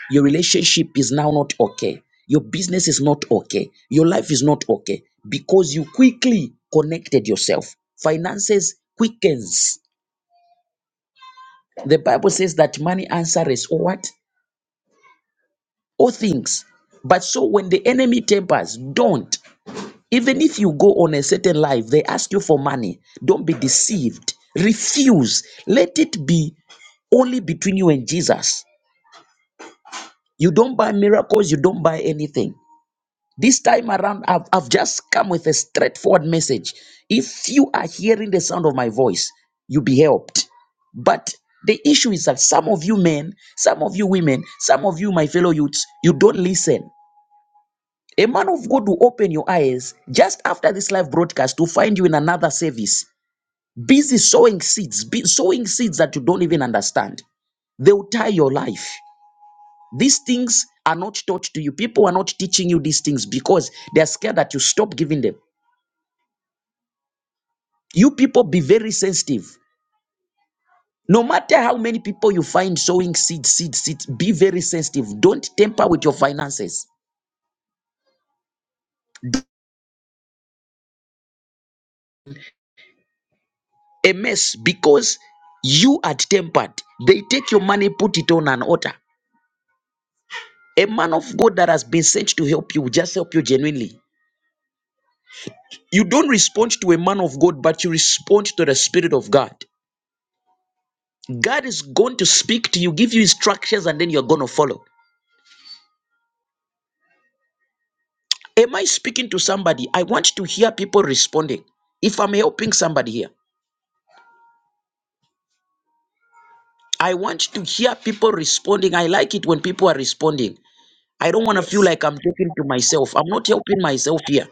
[SPEAKER 1] Your relationship is now not okay. Your business is not okay. Your life is not okay because you quickly connected yourself. Finances quickens. The Bible says that money answers all what? All things. But so when the enemy tempers, don't. Even if you go on a certain life, they ask you for money. Don't be deceived. Refuse. Let it be only between you and Jesus. You don't buy miracles, you don't buy anything. This time around, I've, I've just come with a straightforward message. If you are hearing the sound of my voice, you'll be helped. But the issue is that some of you men, some of you women, some of you, my fellow youths, you don't listen. A man of God will open your eyes just after this live broadcast to find you in another service, busy sowing seeds, be- sowing seeds that you don't even understand. They will tie your life. These things are not taught to you. People are not teaching you these things because they are scared that you stop giving them. You people be very sensitive. No matter how many people you find sowing seeds, seeds, seeds, be very sensitive. Don't temper with your finances. A mess because you are tempered. They take your money, put it on an altar. A man of God that has been sent to help you will just help you genuinely. You don't respond to a man of God, but you respond to the Spirit of God. God is going to speak to you, give you instructions, and then you're going to follow. Am I speaking to somebody? I want to hear people responding. If I'm helping somebody here, I want to hear people responding. I like it when people are responding. I don't want to feel
[SPEAKER 6] Yes.
[SPEAKER 1] like I'm talking to myself. I'm not helping myself here.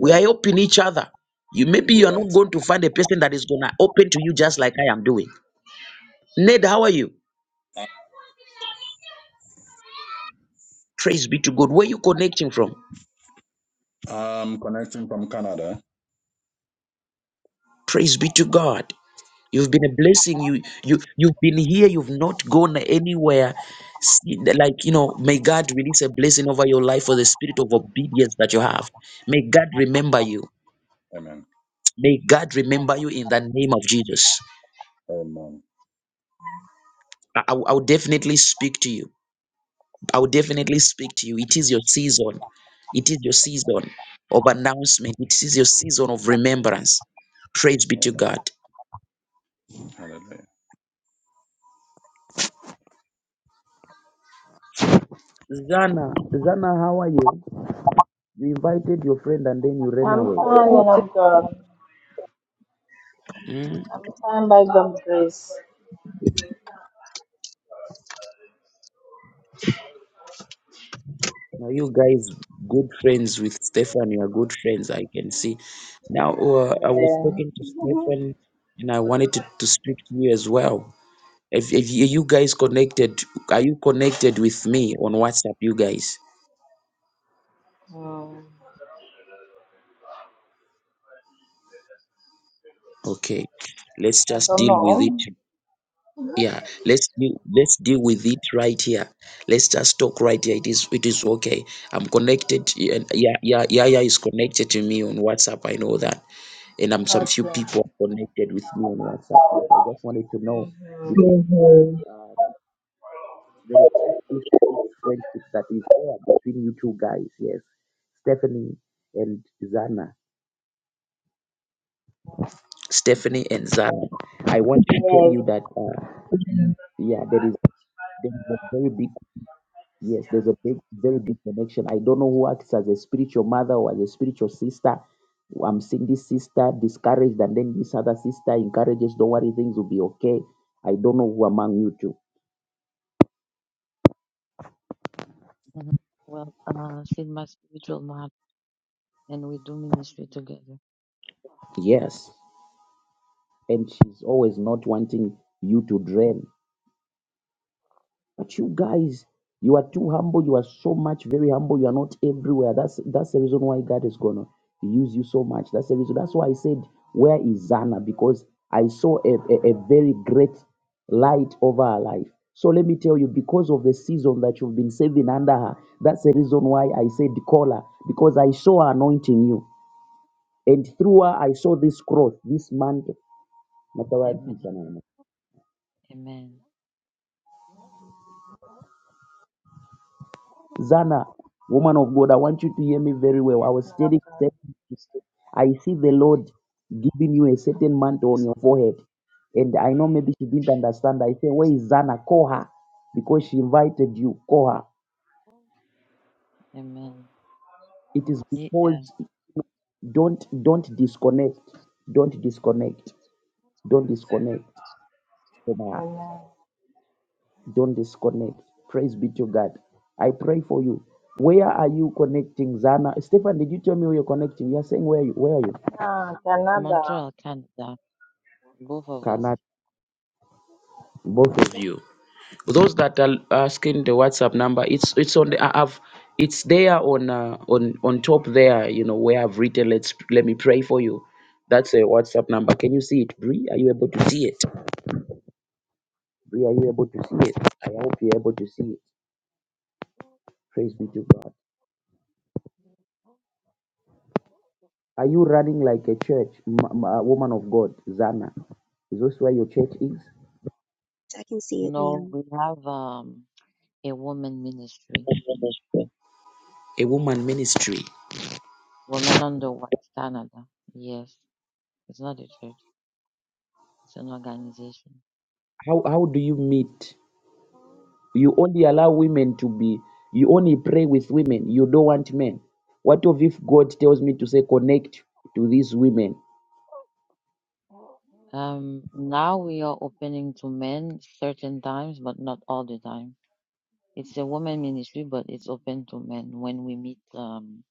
[SPEAKER 1] We are helping each other. You maybe you
[SPEAKER 6] you're
[SPEAKER 1] are
[SPEAKER 6] right.
[SPEAKER 1] not going to find a person that is gonna open to you just like I am doing. Ned, how are you? Praise be to God. Where are you connecting from?
[SPEAKER 6] I'm connecting from Canada.
[SPEAKER 1] Praise be to God. You've been a blessing. You you you've been here. You've not gone anywhere. See, Like you know, may God release a blessing over your life for the spirit of obedience that you have. May God remember you.
[SPEAKER 6] Amen.
[SPEAKER 1] May God remember you in the name of Jesus.
[SPEAKER 6] Amen.
[SPEAKER 1] I, I will I will definitely speak to you. I will definitely speak to you. It is your season. It is your season of announcement. It is your season of remembrance. Praise be to
[SPEAKER 6] Amen.
[SPEAKER 1] God.
[SPEAKER 6] Hallelujah.
[SPEAKER 1] Zana, Zana, how are you? You invited your friend and then you ran away.
[SPEAKER 7] I'm fine, man of God.
[SPEAKER 1] Mm.
[SPEAKER 7] I'm fine by God's grace.
[SPEAKER 1] Now you guys good friends with Stefan. You are good friends. I can see. Now uh, I was
[SPEAKER 7] Yeah.
[SPEAKER 1] talking to Stefan, and I wanted to, to speak to you as well. If, if you you guys connected, are you connected with me on WhatsApp? You guys,
[SPEAKER 7] Mm.
[SPEAKER 1] okay? Let's
[SPEAKER 7] I
[SPEAKER 1] just
[SPEAKER 7] don't
[SPEAKER 1] deal with
[SPEAKER 7] know.
[SPEAKER 1] it. yeah let's deal, let's deal with it right here let's just talk right here it is it is okay i'm connected yeah yeah yeah yeah yeah is connected to me on whatsapp i know that and i'm some few
[SPEAKER 7] Okay.
[SPEAKER 1] people are connected with me on whatsapp yeah, i just wanted to know
[SPEAKER 7] Mm-hmm.
[SPEAKER 1] because uh, there is this friendship that is there between you two guys yes stephanie and zana stephanie and zana i want to tell
[SPEAKER 7] Yes.
[SPEAKER 1] you that uh, yeah there is there is a very big Yes, there's a big, very big connection. I don't know who acts as a spiritual mother or as a spiritual sister. I'm seeing this sister discouraged, and then this other sister encourages, don't worry, things will be okay. I don't know who among you two.
[SPEAKER 5] Mhm. Well, uh, she's my spiritual mom, and we do ministry together.
[SPEAKER 1] Yes. And she's always not wanting you to drain. But you guys, you are too humble. You are so much very humble. You are not everywhere. That's that's the reason why God is gonna use you so much. That's the reason. That's why I said, where is Zana? Because I saw a, a, a very great light over her life. So let me tell you, because of the season that you've been saving under her, that's the reason why I said call her. Because I saw her anointing you. And through her, I saw this cross, this mantle.
[SPEAKER 5] Amen. Amen.
[SPEAKER 1] Zana, woman of God, I want you to hear me very well. I
[SPEAKER 7] Yes,
[SPEAKER 1] was
[SPEAKER 7] man of
[SPEAKER 1] standing,
[SPEAKER 7] God.
[SPEAKER 1] I see the Lord giving you a certain mantle on your forehead. And I know maybe she didn't understand. I say, Where is Zana? Call her because she invited you. Call her.
[SPEAKER 5] Amen.
[SPEAKER 1] It is
[SPEAKER 5] Ye- uh,
[SPEAKER 1] because don't don't disconnect. Don't disconnect. Don't disconnect from her.
[SPEAKER 7] Amen.
[SPEAKER 1] Don't disconnect. Praise be to God. I pray for you. Where are you connecting, Zana? Stefan, did you tell me where you're connecting? You're saying where are you where are you?
[SPEAKER 7] Ah, Canada.
[SPEAKER 5] Montreal, Canada, both of us.
[SPEAKER 1] cannot both of you those that are asking the whatsapp number it's it's on the i have it's there on uh, on on top there you know where i've written let's let me pray for you that's a whatsapp number can you see it Bree? are you able to see it Bree, are you able to see it i hope you're able to see it praise be to god are you running like a church ma- woman of god zana is this where your church is
[SPEAKER 8] I can see it
[SPEAKER 5] No,
[SPEAKER 8] now.
[SPEAKER 5] we have um a woman ministry.
[SPEAKER 1] a woman ministry
[SPEAKER 5] Women Under the Watch Canada. Yes, it's not a church. It's an organization.
[SPEAKER 1] how how do you meet You only allow women to be, you only pray with women. You don't want men. What of if God tells me to say, connect to these women?
[SPEAKER 5] Um, now we are opening to men certain times, but not all the time. It's a woman ministry, but it's open to men when we meet um,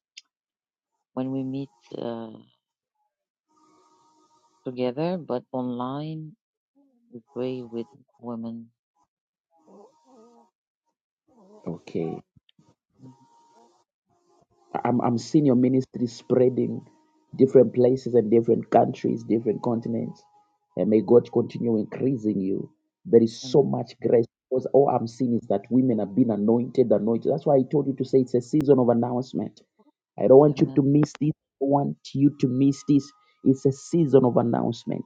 [SPEAKER 5] when we meet uh, together. But online, we pray with women.
[SPEAKER 1] Okay.
[SPEAKER 5] Mhm.
[SPEAKER 1] I'm I'm seeing your ministry spreading different places and different countries, different continents. And may God continue increasing you. There is so
[SPEAKER 5] Amen.
[SPEAKER 1] much grace because all I'm seeing is that women have been anointed, anointed. That's why I told you to say it's a season of announcement. I don't want you
[SPEAKER 5] Amen.
[SPEAKER 1] to miss this. I don't want you to miss this. It's a season of announcement.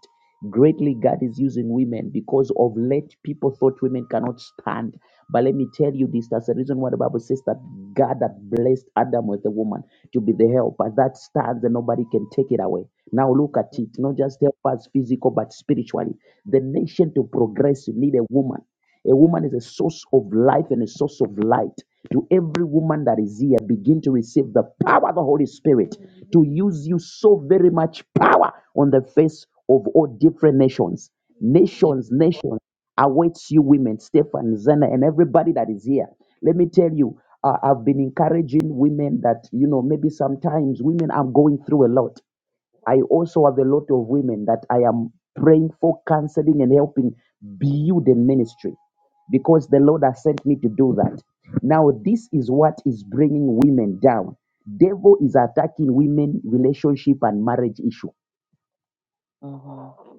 [SPEAKER 1] Greatly, God is using women because of late people thought women cannot stand. But let me tell you this that's the reason why the Bible says that God that blessed Adam with a woman to be the helper that stands and nobody can take it away. Now look at it, not just help us physical but spiritually. The nation to progress, you need a woman. A woman is a source of life and a source of light. To every woman that is here, begin to receive the power of the Holy Spirit to use you so very much power on the face of all different nations.
[SPEAKER 5] Amen.
[SPEAKER 1] Nations, nations awaits you women, Stefan, Zena, and everybody that is here. Let me tell you, uh, I've been encouraging women that, you know, maybe sometimes women are going through a lot. I also have a lot of women that I am praying for counseling and helping build in ministry because the Lord has sent me to do that. Now, this is what is bringing women down. Devil is attacking women relationship and marriage issue.
[SPEAKER 5] Mhm.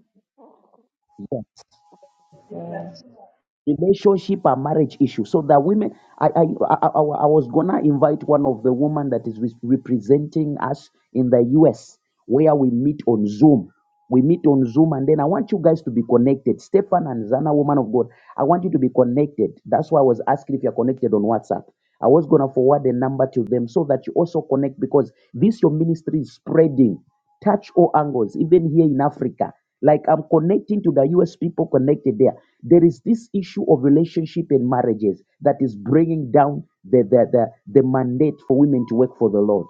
[SPEAKER 1] Yeah.
[SPEAKER 7] Mm.
[SPEAKER 1] relationship and marriage issue so that women I, I i i I was gonna invite one of the women that is re- representing us in the us where we meet on zoom we meet on zoom and then i want you guys to be connected stefan and zana woman of god i want you to be connected that's why i was asking if you're connected on whatsapp i was gonna forward the number to them so that you also connect because this your ministry is spreading touch all angles, even here in Africa. Like I'm connecting to the US people connected there. There is this issue of relationship and marriages that is bringing down the, the, the, the mandate for women to work for the Lord.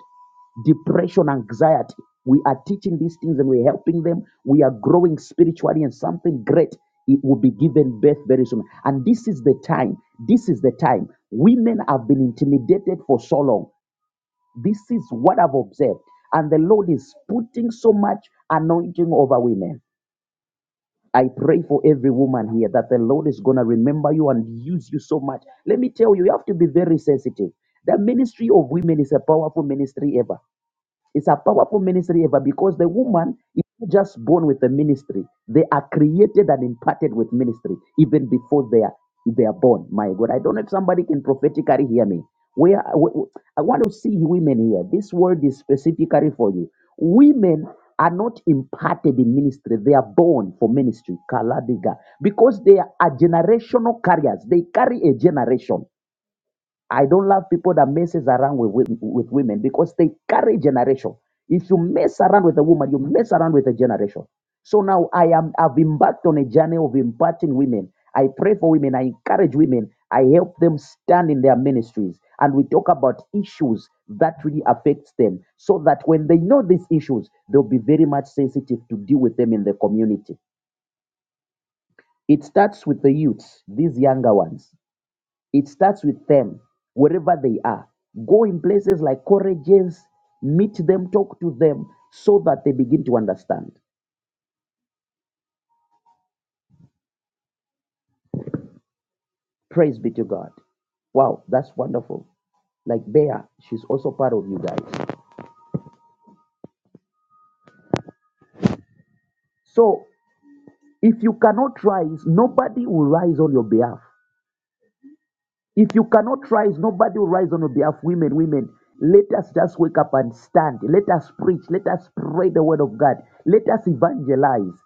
[SPEAKER 1] Depression, anxiety. We are teaching these things and we're helping them. We are growing spiritually and something great. It will be given birth very soon. And this is the time. This is the time. Women have been intimidated for so long. This is what I've observed. And the Lord is putting so much anointing over women. I pray for every woman here that the Lord is going to remember you and use you so much. Let me tell you, you have to be very sensitive. The ministry of women is a powerful ministry ever. It's a powerful ministry ever because the woman is not just born with the ministry. They are created and imparted with ministry even before they are they are born. My God, I don't know if somebody can prophetically hear me. Where wh- wh- I want to see women here. This word is specifically for you. Women are not imparted in ministry. They are born for ministry. Kaladiga. Because they are generational carriers. They carry a generation. I don't love people that messes around with, with, with women because they carry generation. If you mess around with a woman, you mess around with a generation. So now I am I've embarked on a journey of imparting women. I pray for women, I encourage women, I help them stand in their ministries. And we talk about issues that really affects them so that when they know these issues, they'll be very much sensitive to deal with them in the community. It starts with the youths, these younger ones. It starts with them, wherever they are. Go in places like Corrigens, meet them, talk to them, so that they begin to understand. Praise be to God. Wow, that's wonderful. Like Bea, she's also part of you guys. So if you cannot rise, nobody will rise on your behalf. If you cannot rise, nobody will rise on your behalf. Women, women, let us just wake up and stand. Let us preach. Let us spread the word of God. Let us evangelize.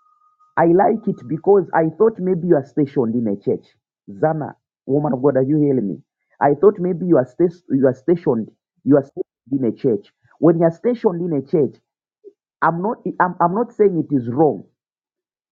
[SPEAKER 1] I like it because I thought maybe you are stationed in a church. Zana, woman of God, are you hearing me? I thought maybe you are stas- you are stationed, you are stationed in a church. When you are stationed in a church, I'm not I'm, I'm not saying it is wrong,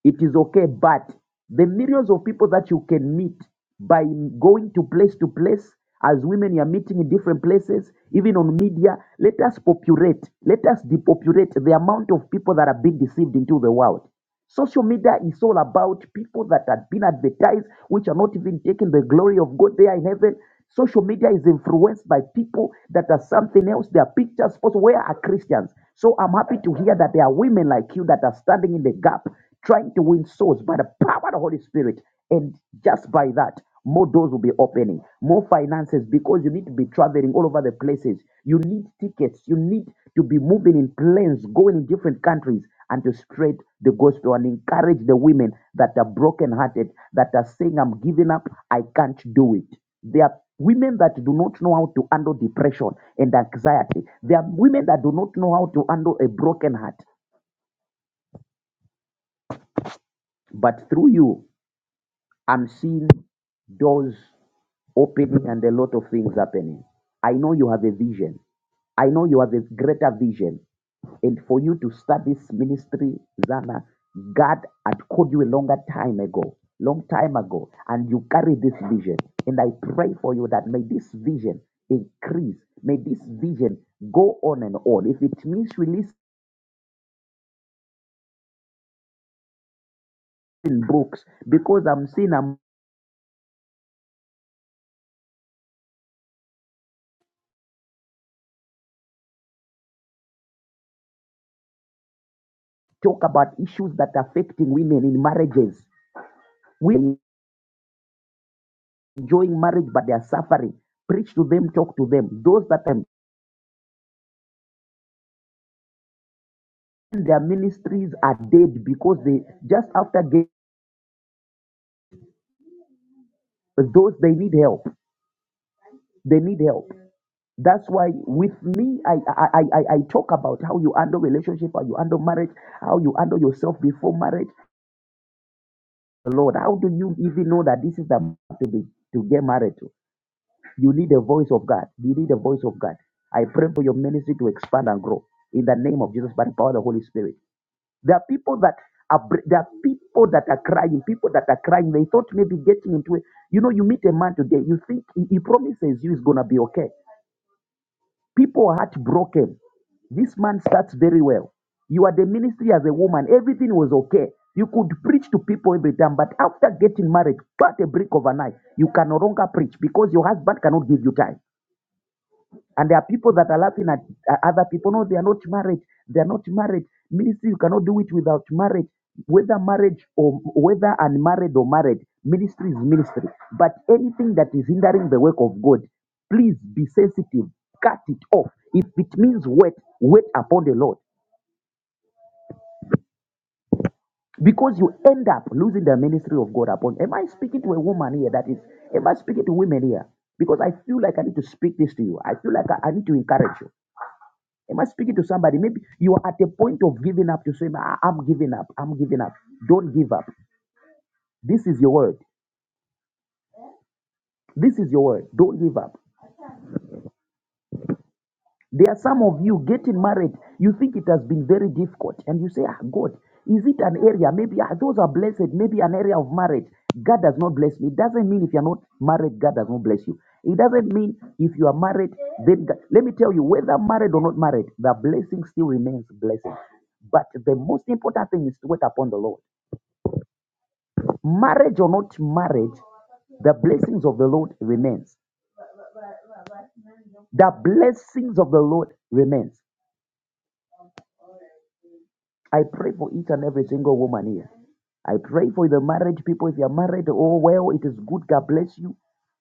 [SPEAKER 1] it is okay but the millions of people that you can meet by going to place to place as women you are meeting in different places even on media let us populate let us depopulate the amount of people that are being deceived into the world social media is all about people that have been advertised which are not even taking the glory of god they are in heaven Social media is influenced by people that are something else. Their pictures, posts, where are Christians? So I'm happy to hear that there are women like you that are standing in the gap, trying to win souls by the power of the Holy Spirit. And just by that, more doors will be opening, more finances, because you need to be traveling all over the places. You need tickets. You need to be moving in planes, going in different countries, and to spread the gospel and encourage the women that are brokenhearted, that are saying, I'm giving up, I can't do it. There are women that do not know how to handle depression and anxiety. There are women that do not know how to handle a broken heart. But through you, I'm seeing doors opening and a lot of things happening. I know you have a vision. I know you have a greater vision. And for you to start this ministry, Zana, God had called you a longer time ago, long time ago, and you carry this vision. And I pray for you that may this vision increase, may this vision go on and on. If it means releasing books, because I'm seeing I'm talk about issues that are affecting women in marriages. We enjoying marriage but they are suffering. Preach to them, talk to them. Those that are in their ministries are dead because they just after getting those they need help. They need help. That's why with me, I I, I I talk about how you handle relationship, how you handle marriage, how you handle yourself before marriage. Lord, how do you even know that this is the man to be to get married to? You need a voice of God. You need a voice of God. I pray for your ministry to expand and grow in the name of Jesus by the power of the Holy Spirit. There are people that are br- there are people that are crying, people that are crying. They thought maybe getting into it. You know, you meet a man today, you think he, he promises you it's gonna be okay. People are heartbroken. This man starts very well. You are the ministry as a woman, everything was okay. You could preach to people every time, but after getting married, cut a brick overnight, you can no longer preach because your husband cannot give you time. And there are people that are laughing at uh, other people. No, they are not married. They are not married. Ministry, you cannot do it without marriage. Whether marriage or whether unmarried or married, ministry is ministry. But anything that is hindering the work of God, please be sensitive. Cut it off. If it means wait, wait upon the Lord. Because you end up losing the ministry of God upon. Am I speaking to a woman here? That is, am I speaking to women here? Because I feel like I need to speak this to you. I feel like I, I need to encourage you. Am I speaking to somebody? Maybe you are at a point of giving up. You say, "Ah, I'm giving up. I'm giving up. Don't give up. This is your word. This is your word. Don't give up. There are some of you getting married. You think it has been very difficult. And you say, ah, God, is it an area? Maybe ah, those are blessed. Maybe an area of marriage. God does not bless me. It doesn't mean if you're not married, God does not bless you. It doesn't mean if you are married, then God. Let me tell you, whether married or not married, the blessing still remains blessing. But the most important thing is to wait upon the Lord. Marriage or not marriage, the blessings of the Lord remains. The blessings of the Lord remains. I pray for each and every single woman here. I pray for the marriage people. If you are married, oh well, it is good. God bless you.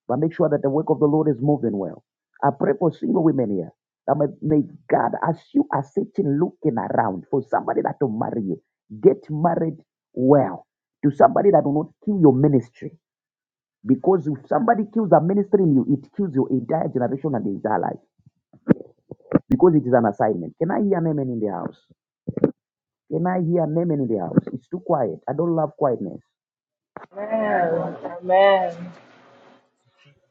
[SPEAKER 1] But make sure that the work of the Lord is moving well. I pray for single women here. That may, may God, as you are sitting looking around for somebody that will marry you, get married well to somebody that will not kill your ministry Because if somebody kills a minister in you, it kills your entire generation and the entire life. Because it is an assignment. Can I hear an amen in the house? Can I hear an amen in the house? It's too quiet. I don't love quietness.
[SPEAKER 7] Amen. Amen.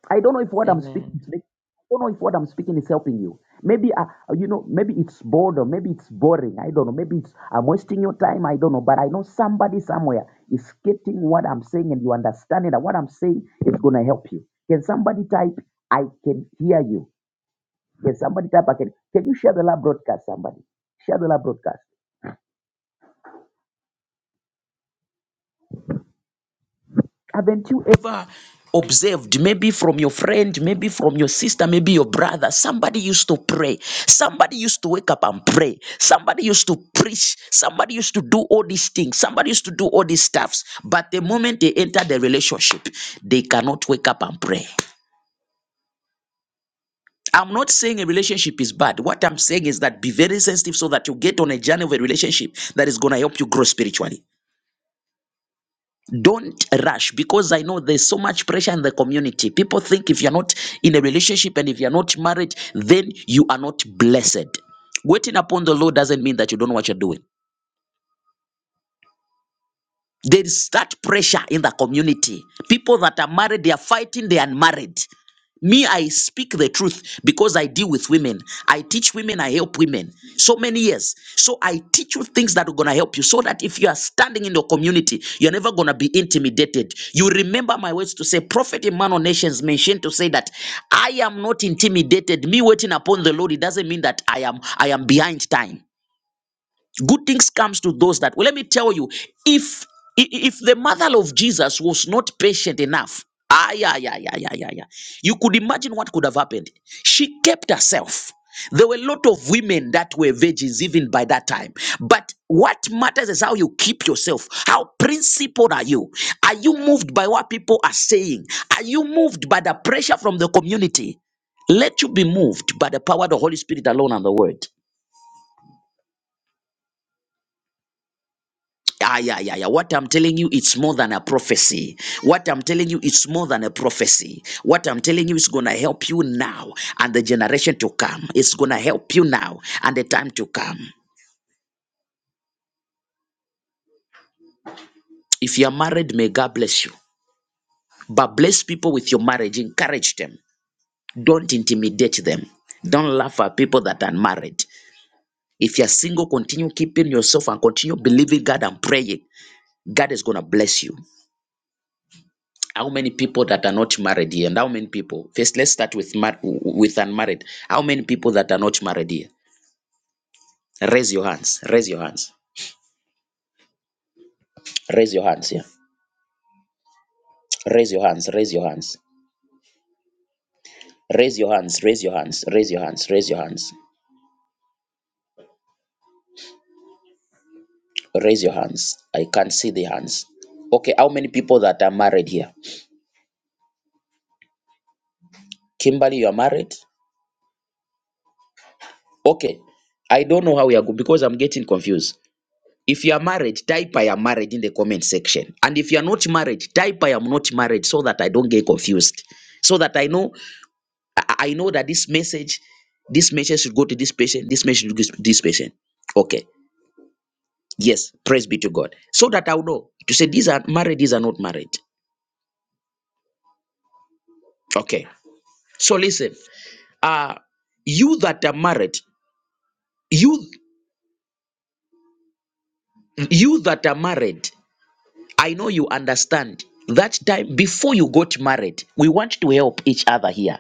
[SPEAKER 1] I don't know if what I'm speaking is
[SPEAKER 5] Amen.
[SPEAKER 1] making, I don't know if what I'm speaking is helping you. Maybe uh, you know, maybe it's boredom, maybe it's boring. I don't know. Maybe it's I'm wasting your time. I don't know. But I know somebody somewhere is getting what I'm saying, and you understand it. And what I'm saying is gonna help you. Can somebody type? I can hear you. Can somebody tap again? Can you share the live broadcast, somebody? Share the live broadcast. Haven't you ever observed, maybe from your friend, maybe from your sister, maybe your brother, somebody used to pray. Somebody used to wake up and pray. Somebody used to preach. Somebody used to do all these things. Somebody used to do all these stuffs. But the moment they enter the relationship, they cannot wake up and pray. I'm not saying a relationship is bad. What I'm saying is that be very sensitive so that you get on a journey of a relationship that is going to help you grow spiritually. don't rush because i know there's so much pressure in the community people think if you're not in a relationship and if you're not married then you are not blessed waiting upon the lord doesn't mean that you don't know what you're doing there is that pressure in the community. People that are married, they are fighting the unmarried. Me, I speak the truth because I deal with women. I teach women, I help women. So many years. So I teach you things that are going to help you so that if you are standing in your community, you're never going to be intimidated. You remember my words to say, Prophet Emmanuel Nations mentioned to say that I am not intimidated. Me waiting upon the Lord, it doesn't mean that I am I am behind time good things comes to those that well let me tell you if i- if the mother of jesus was not patient enough ah yeah yeah yeah yeah yeah yeah you could imagine what could have happened she kept herself there were a lot of women that were virgins even by that time but what matters is how you keep yourself how principled are you are you moved by what people are saying are you moved by the pressure from the community let you be moved by the power of the holy spirit alone and the word Ah, yeah, yeah, yeah. What I'm telling you, it's more than a prophecy. What I'm telling you, it's more than a prophecy. What I'm telling you is going to help you now and the generation to come. It's going to help you now and the time to come. If you are married, may God bless you. But bless people with your marriage. Encourage them. Don't intimidate them. Don't laugh at people that are married. If you're single, continue keeping yourself and continue believing God and praying. God is going to bless you. How many people that are not married here? And how many people? First, let's start with mar- with unmarried. How many people that are not married here? Raise your hands. Raise your hands. Raise your hands here. Raise your hands. Raise your hands. Raise your hands. Raise your hands. Raise your hands. Raise your hands. Raise your hands. I can't see the hands. Okay, how many people that are married here? Kimberly, you are married? Okay. I don't know how we are go- because I'm getting confused. If you are married, type I am married in the comment section. And if you are not married, type I am not married so that I don't get confused. So that I know I I know that this message, this message should go to this patient, this message should go to this patient. Okay. Yes, praise be to God. So that I'll know to say these are married, these are not married. Okay. So listen, uh you that are married, you you that are married, I know you understand that time before you got married, we want to help each other here.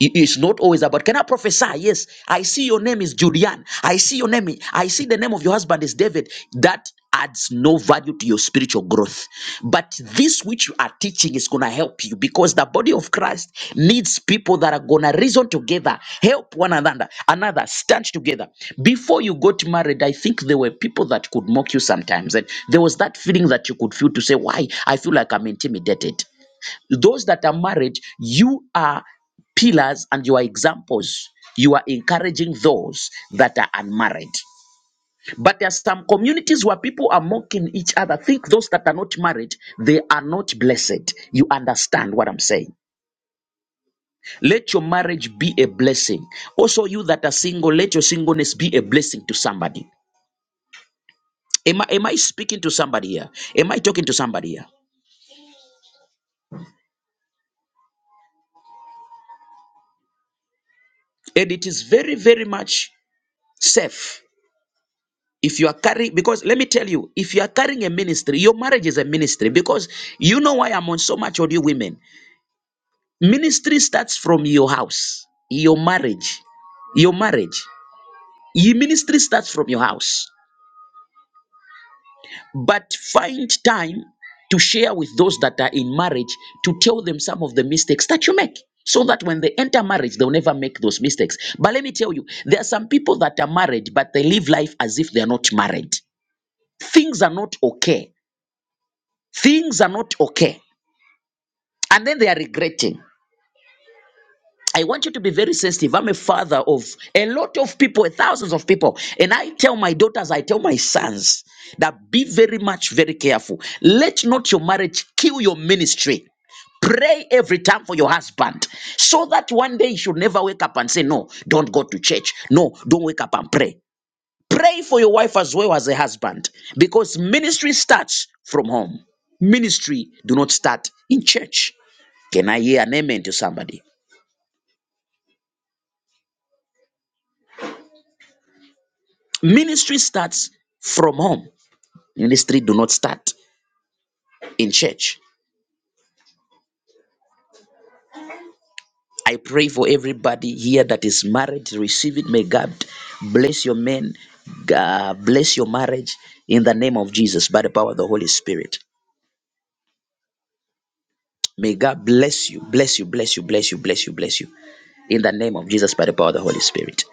[SPEAKER 1] It- It's not always about, can I prophesy? Yes. I see your name is Julian. I see your name. I see the name of your husband is David. That adds no value to your spiritual growth. But this which you are teaching is going to help you because the body of Christ needs people that are going to reason together, help one another, another, stand together. Before you got married, I think there were people that could mock you sometimes. And there was that feeling that you could feel to say, why? I feel like I'm intimidated. Those that are married, you are pillars and you are examples. You are encouraging those that are unmarried. But there are some communities where people are mocking each other. Think those that are not married, they are not blessed. You understand what I'm saying? Let your marriage be a blessing. Also, you that are single, let your singleness be a blessing to somebody. Am I, am I speaking to somebody here? Am I talking to somebody here? And it is very, very much safe if you are carrying because let me tell you if you are carrying a ministry your marriage is a ministry because you know why i'm on so much audio women ministry starts from your house your marriage your marriage your ministry starts from your house but find time to share with those that are in marriage to tell them some of the mistakes that you make so that when they enter marriage they'll never make those mistakes but let me tell you there are some people that are married but they live life as if they are not married things are not okay Things are not okay. And then they are regretting. I want you to be very sensitive. I'm a father of a lot of people, thousands of people. And I tell my daughters, I tell my sons that be very much, very careful. Let not your marriage kill your ministry. Pray every time for your husband so that one day you should never wake up and say, No, don't go to church. No, don't wake up and pray. Pray for your wife as well as a husband because ministry starts from home. Ministry do not start in church. Can I hear an amen to somebody? Ministry starts from home. Ministry do not start in church. I pray for everybody here that is married, receive it. May God bless your men, God bless your marriage in the name of Jesus by the power of the Holy Spirit. May God bless you, bless you, bless you, bless you, bless you, bless you in the name of Jesus by the power of the Holy Spirit.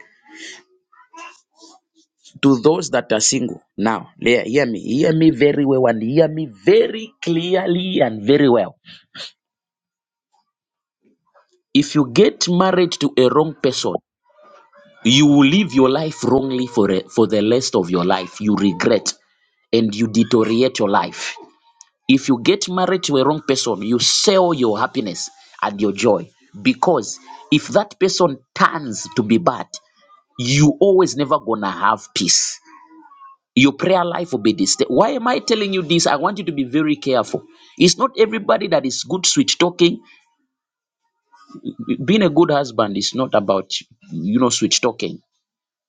[SPEAKER 1] To those that are single, now, hear hear me, hear me very well and hear me very clearly and very well If you get married to a wrong person, you will live your life wrongly for, a, for the rest of your life. You regret and you deteriorate your life. If you get married to a wrong person, you sell your happiness and your joy because if that person turns to be bad, you always never gonna have peace. Your prayer life will be this. Why am I telling you this? I want you to be very careful. It's not everybody that is good switch talking. Being a good husband is not about, you know, switch talking.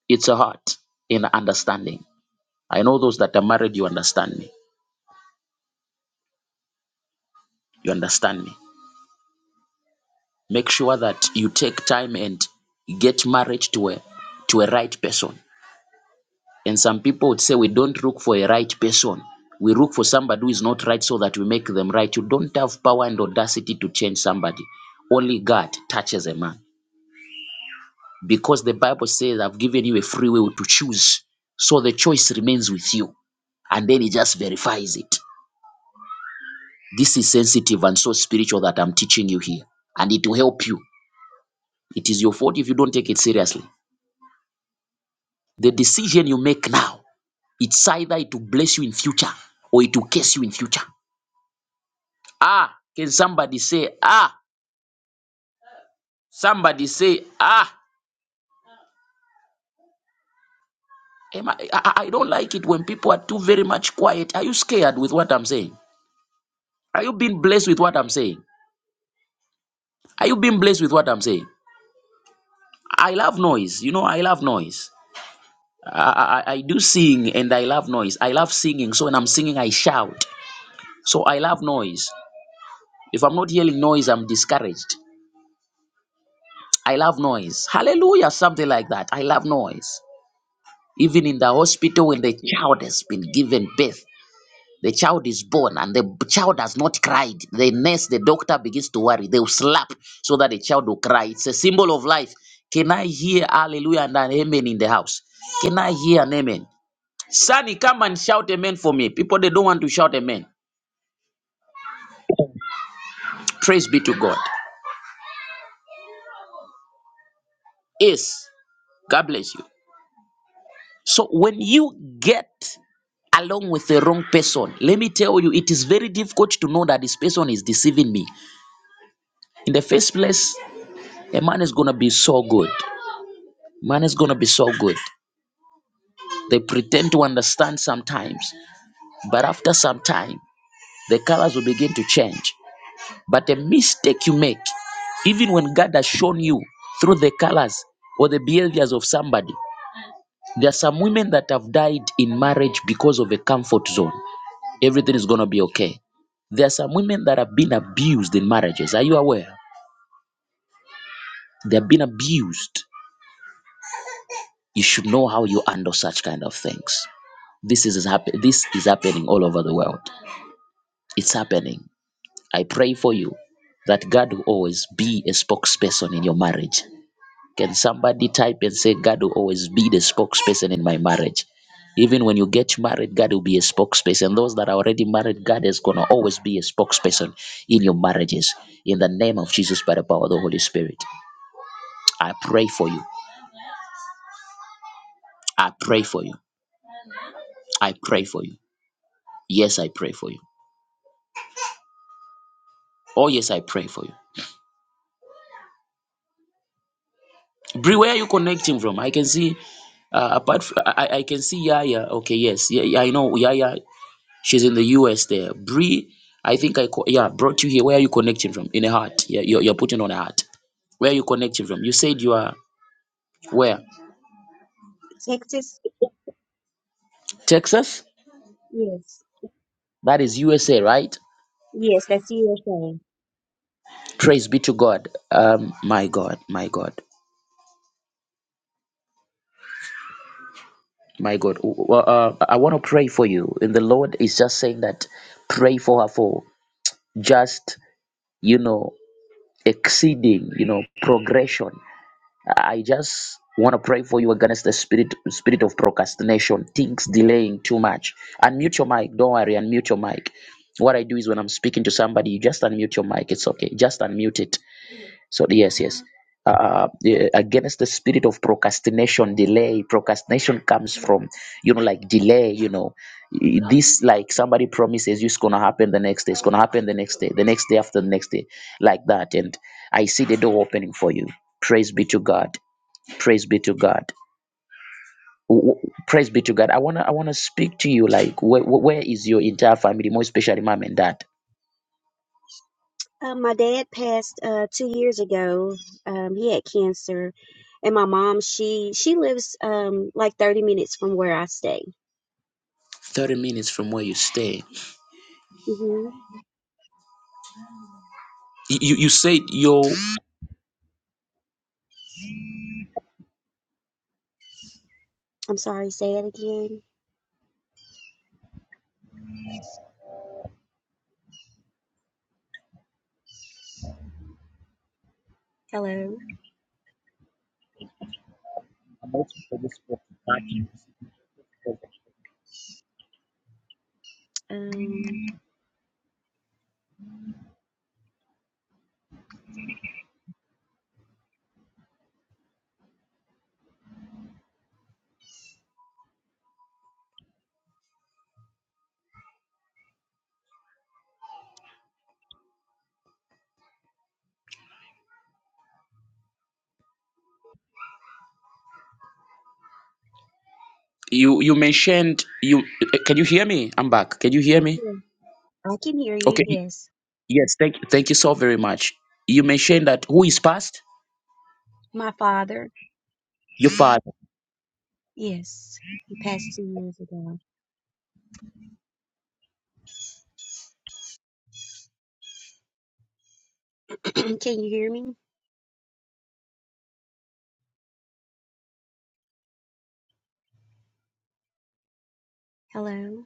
[SPEAKER 1] It's a heart in understanding. I know those that are married, you understand me. You understand me. Make sure that you take time and get married to a to a right person. And some people would say we don't look for a right person. We look for somebody who is not right so that we make them right. You don't have power and audacity to change somebody. Only God touches a man. because the Bible says, I've given you a free will to choose. So the choice remains with you. And then it just verifies it. This is sensitive and so spiritual that I'm teaching you here. And it will help you. It is your fault if you don't take it seriously. The decision you make now, it's either it will bless you in future or it will curse you in future. Ah, can somebody say, ah, somebody say, ah, Am I, I, I don't like it when people are too very much quiet. Are you scared with what I'm saying? Are you being blessed with what I'm saying? Are you being blessed with what I'm saying? I love noise. You know, I love noise. I, I, I do sing and I love noise. I love singing. So when I'm singing, I shout. So I love noise. If I'm not hearing noise, I'm discouraged. I love noise. Hallelujah, something like that. I love noise. Even in the hospital when the child has been given birth, The child is born and the b- child has not cried. The nurse, the doctor begins to worry. They will slap so that the child will cry. It's a symbol of life. Can I hear hallelujah and an amen in the house? Can I hear an amen? Sonny, come and shout amen for me. People, they don't want to shout amen. Praise be to God. Yes, God bless you. So when you get along with the wrong person, let me tell you, it is very difficult to know that this person is deceiving me. In the first place, a man is gonna be so good. Man is going to be so good. They pretend to understand sometimes, but after some time, the colors will begin to change. But a mistake you make, even when God has shown you through the colors or the behaviors of somebody, there are some women that have died in marriage because of a comfort zone. Everything is going to be okay. There are some women that have been abused in marriages. Are you aware? They have been abused. You should know how you handle such kind of things. This is happen- this is happening all over the world. It's happening. I pray for you that God will always be a spokesperson in your marriage. Can somebody type and say, God will always be the spokesperson in my marriage? Even when you get married, God will be a spokesperson. Those that are already married, God is going to always be a spokesperson in your marriages. In the name of Jesus, by the power of the Holy Spirit, I pray for you. I pray for you. I pray for you. Yes, I pray for you. Oh, yes, I pray for you. Bri, where are you connecting from? I can see, uh, apart from, I, I can see Yaya. Okay, yes. Yeah, yeah, I know Yaya. She's in the US there. Bri, I think I, co- yeah, brought you here. Where are you connecting from? In a heart. Yeah, you're, you're putting on a heart. Where are you connecting from? You said you are where?
[SPEAKER 8] Texas?
[SPEAKER 1] Texas?
[SPEAKER 8] Yes.
[SPEAKER 1] That is USA, right?
[SPEAKER 8] Yes, that's USA.
[SPEAKER 1] Praise be to God. Um, my God, my God, my God. Well, uh, I want to pray for you. And the Lord is just saying that pray for her for just, you know. exceeding you know progression i just want to pray for you against the spirit spirit of procrastination things delaying too much unmute your mic don't worry unmute your mic what i do is when i'm speaking to somebody you just unmute your mic it's okay just unmute it so yes, yes. Uh, yeah, against the spirit of procrastination, delay. Procrastination comes from you know like delay. You know, Y- this like somebody promises you it's gonna happen the next day. It's gonna happen the next day. The next day after the next day, like that. And I see the door opening for you. Praise be to God. Praise be to God. W- w- Praise be to God. I wanna I wanna speak to you like where where is your entire family, more especially mom and dad.
[SPEAKER 8] Uh, my dad passed uh, two years ago. Um, he had cancer, and my mom she she lives um, like thirty minutes from where I stay.
[SPEAKER 1] Thirty minutes from where you stay.
[SPEAKER 8] hmm
[SPEAKER 1] You you you said your.
[SPEAKER 8] I'm sorry. Say that again. Hello.
[SPEAKER 1] I'm also for this work to back in this project.
[SPEAKER 8] Um,
[SPEAKER 1] You you mentioned you eh, can you hear me? I'm back. Can you hear me?
[SPEAKER 8] yeah, I can hear you.
[SPEAKER 1] Okay. y-
[SPEAKER 8] Yes,
[SPEAKER 1] Yes, thank thank you so very much. You mentioned that who is past?
[SPEAKER 8] my father.
[SPEAKER 1] Your father.
[SPEAKER 8] Yes, he passed two years ago. can you hear me? Hello.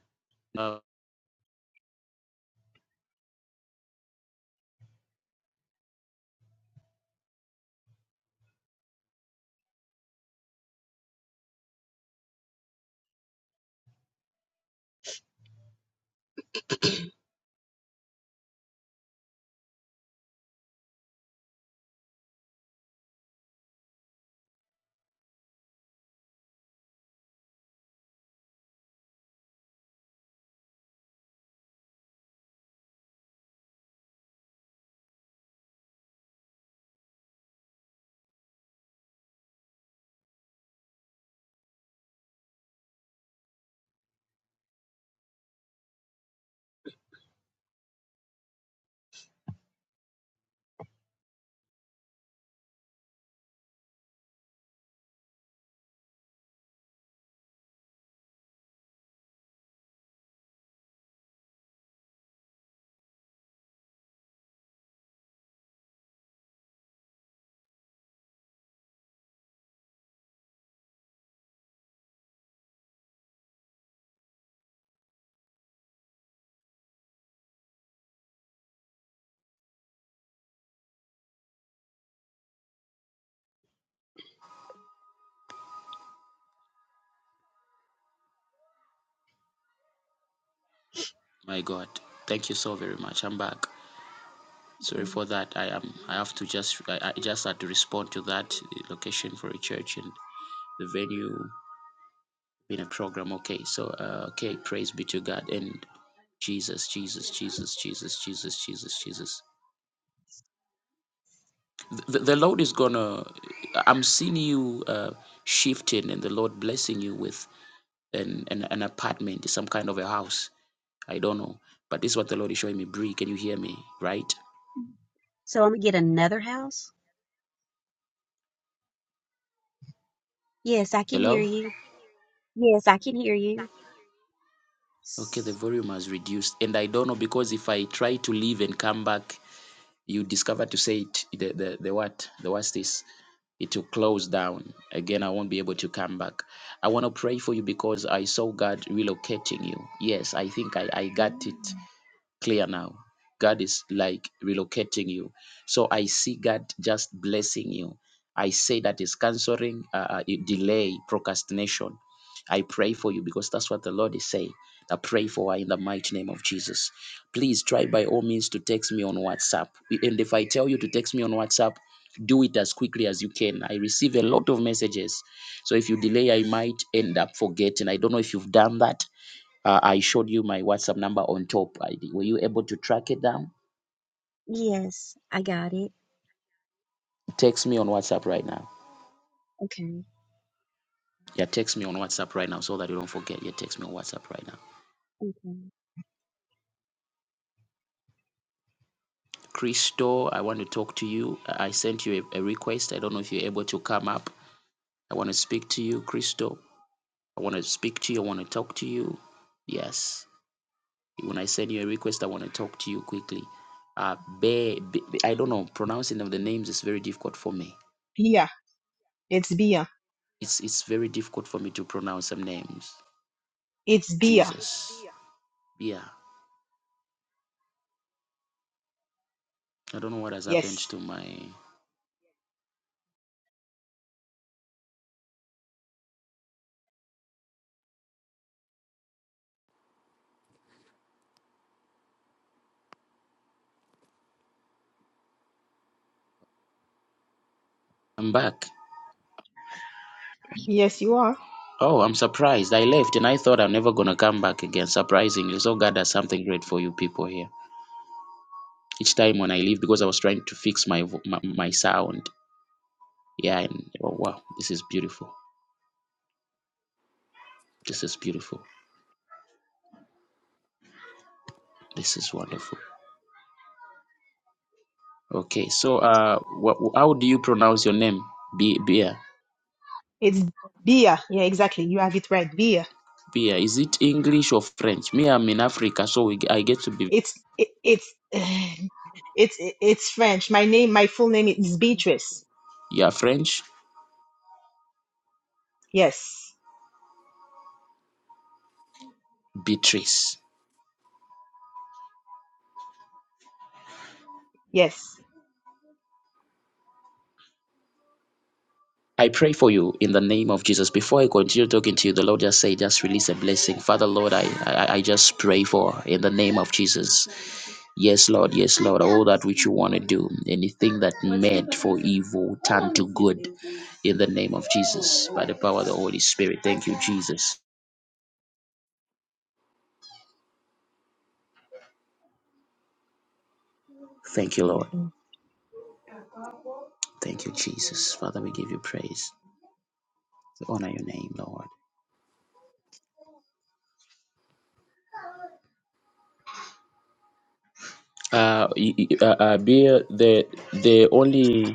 [SPEAKER 1] My God. Thank you so very much. I'm back. Sorry
[SPEAKER 8] Okay.
[SPEAKER 1] for that. I am I have to just I, I just had to respond to that eh, location for a church and the venue in a program. Okay. So uh, okay, praise be to God and Jesus, Jesus, Jesus, Jesus, Jesus, Jesus, Jesus. the, the lord is gonna i'm seeing you uh, shifting and the lord blessing you with an, an an apartment some kind of a house i don't know but this is what the lord is showing me brie can you hear me right
[SPEAKER 8] So I'm gonna get another house. Yes, I can
[SPEAKER 1] hello
[SPEAKER 8] hear you. Yes, I can hear you.
[SPEAKER 1] okay the
[SPEAKER 8] S-
[SPEAKER 1] volume has reduced and i don't know because if i try to leave and come back you discover to say it the the, the what the what's this it will close down again i won't be able to come back i want to pray for you because i saw god relocating you yes i think i i got it
[SPEAKER 8] mm,
[SPEAKER 1] clear now. God is like relocating you. So I see God just blessing you. I say that is canceling uh, uh, delay, procrastination. I pray for you because that's what the Lord is saying. I pray for her in the mighty name of Jesus. Please try by all means to text me on WhatsApp. And if I tell you to text me on WhatsApp, do it as quickly as you can. I receive a lot of messages. So if you delay, I might end up forgetting. I don't know if you've done that uh, I showed you my WhatsApp number on top ID. Were you able to track it down?
[SPEAKER 8] Yes, I got it.
[SPEAKER 1] Text me on WhatsApp right now.
[SPEAKER 8] Okay,
[SPEAKER 1] Yeah, text me on WhatsApp right now so that you don't forget. Yeah, text me on WhatsApp right now.
[SPEAKER 8] okay.
[SPEAKER 1] Christo, I want to talk to you. I sent you a, a request. I don't know if you're able to come up. I want to speak to you, Christo. I want to speak to you. I want to talk to you. Yes. When I send you a request, I want to talk to you quickly. Uh, Be, Be- I don't know. Pronouncing of the names is very difficult for me.
[SPEAKER 9] Beer. It's beer.
[SPEAKER 1] It's it's very difficult for me to pronounce some names.
[SPEAKER 9] It's beer.
[SPEAKER 1] Jesus. Yeah, I don't know what has happened
[SPEAKER 9] Yes.
[SPEAKER 1] to my. I'm back.
[SPEAKER 9] Yes, you are.
[SPEAKER 1] Oh, I'm surprised. I left and I thought I'm never gonna come back again. Surprisingly, so God has something great for you people here. Each time when I leave, because I was trying to fix my vo- my, my sound. Yeah, and oh, wow, this is beautiful. This is beautiful. This is wonderful. Okay, so uh, wha- how do you pronounce your name? Be Beer.
[SPEAKER 9] It's beer. Yeah, exactly. You have it right. Beer.
[SPEAKER 1] Beer. Is it English or French? Me, I'm in Africa, so we, I get to be.
[SPEAKER 9] It's it, it's it's it's French. My name, my full name is Beatrice.
[SPEAKER 1] Yeah, French.
[SPEAKER 9] Yes.
[SPEAKER 1] Beatrice.
[SPEAKER 9] Yes.
[SPEAKER 1] I pray for you in the name of Jesus. Before I continue talking to you, the Lord just say, just release a blessing. Father, Lord, I, I, I just pray for in the name of Jesus. Yes, Lord, yes, Lord, all that which you want to do, anything that meant for evil, turn to good in the name of Jesus by the power of the Holy Spirit. Thank you, Jesus. Thank you,
[SPEAKER 9] Amen.
[SPEAKER 1] Lord. Thank you, Jesus. Father, we give you praise. We honor your name, Lord. Uh, y- y- uh, uh, Bill, the the only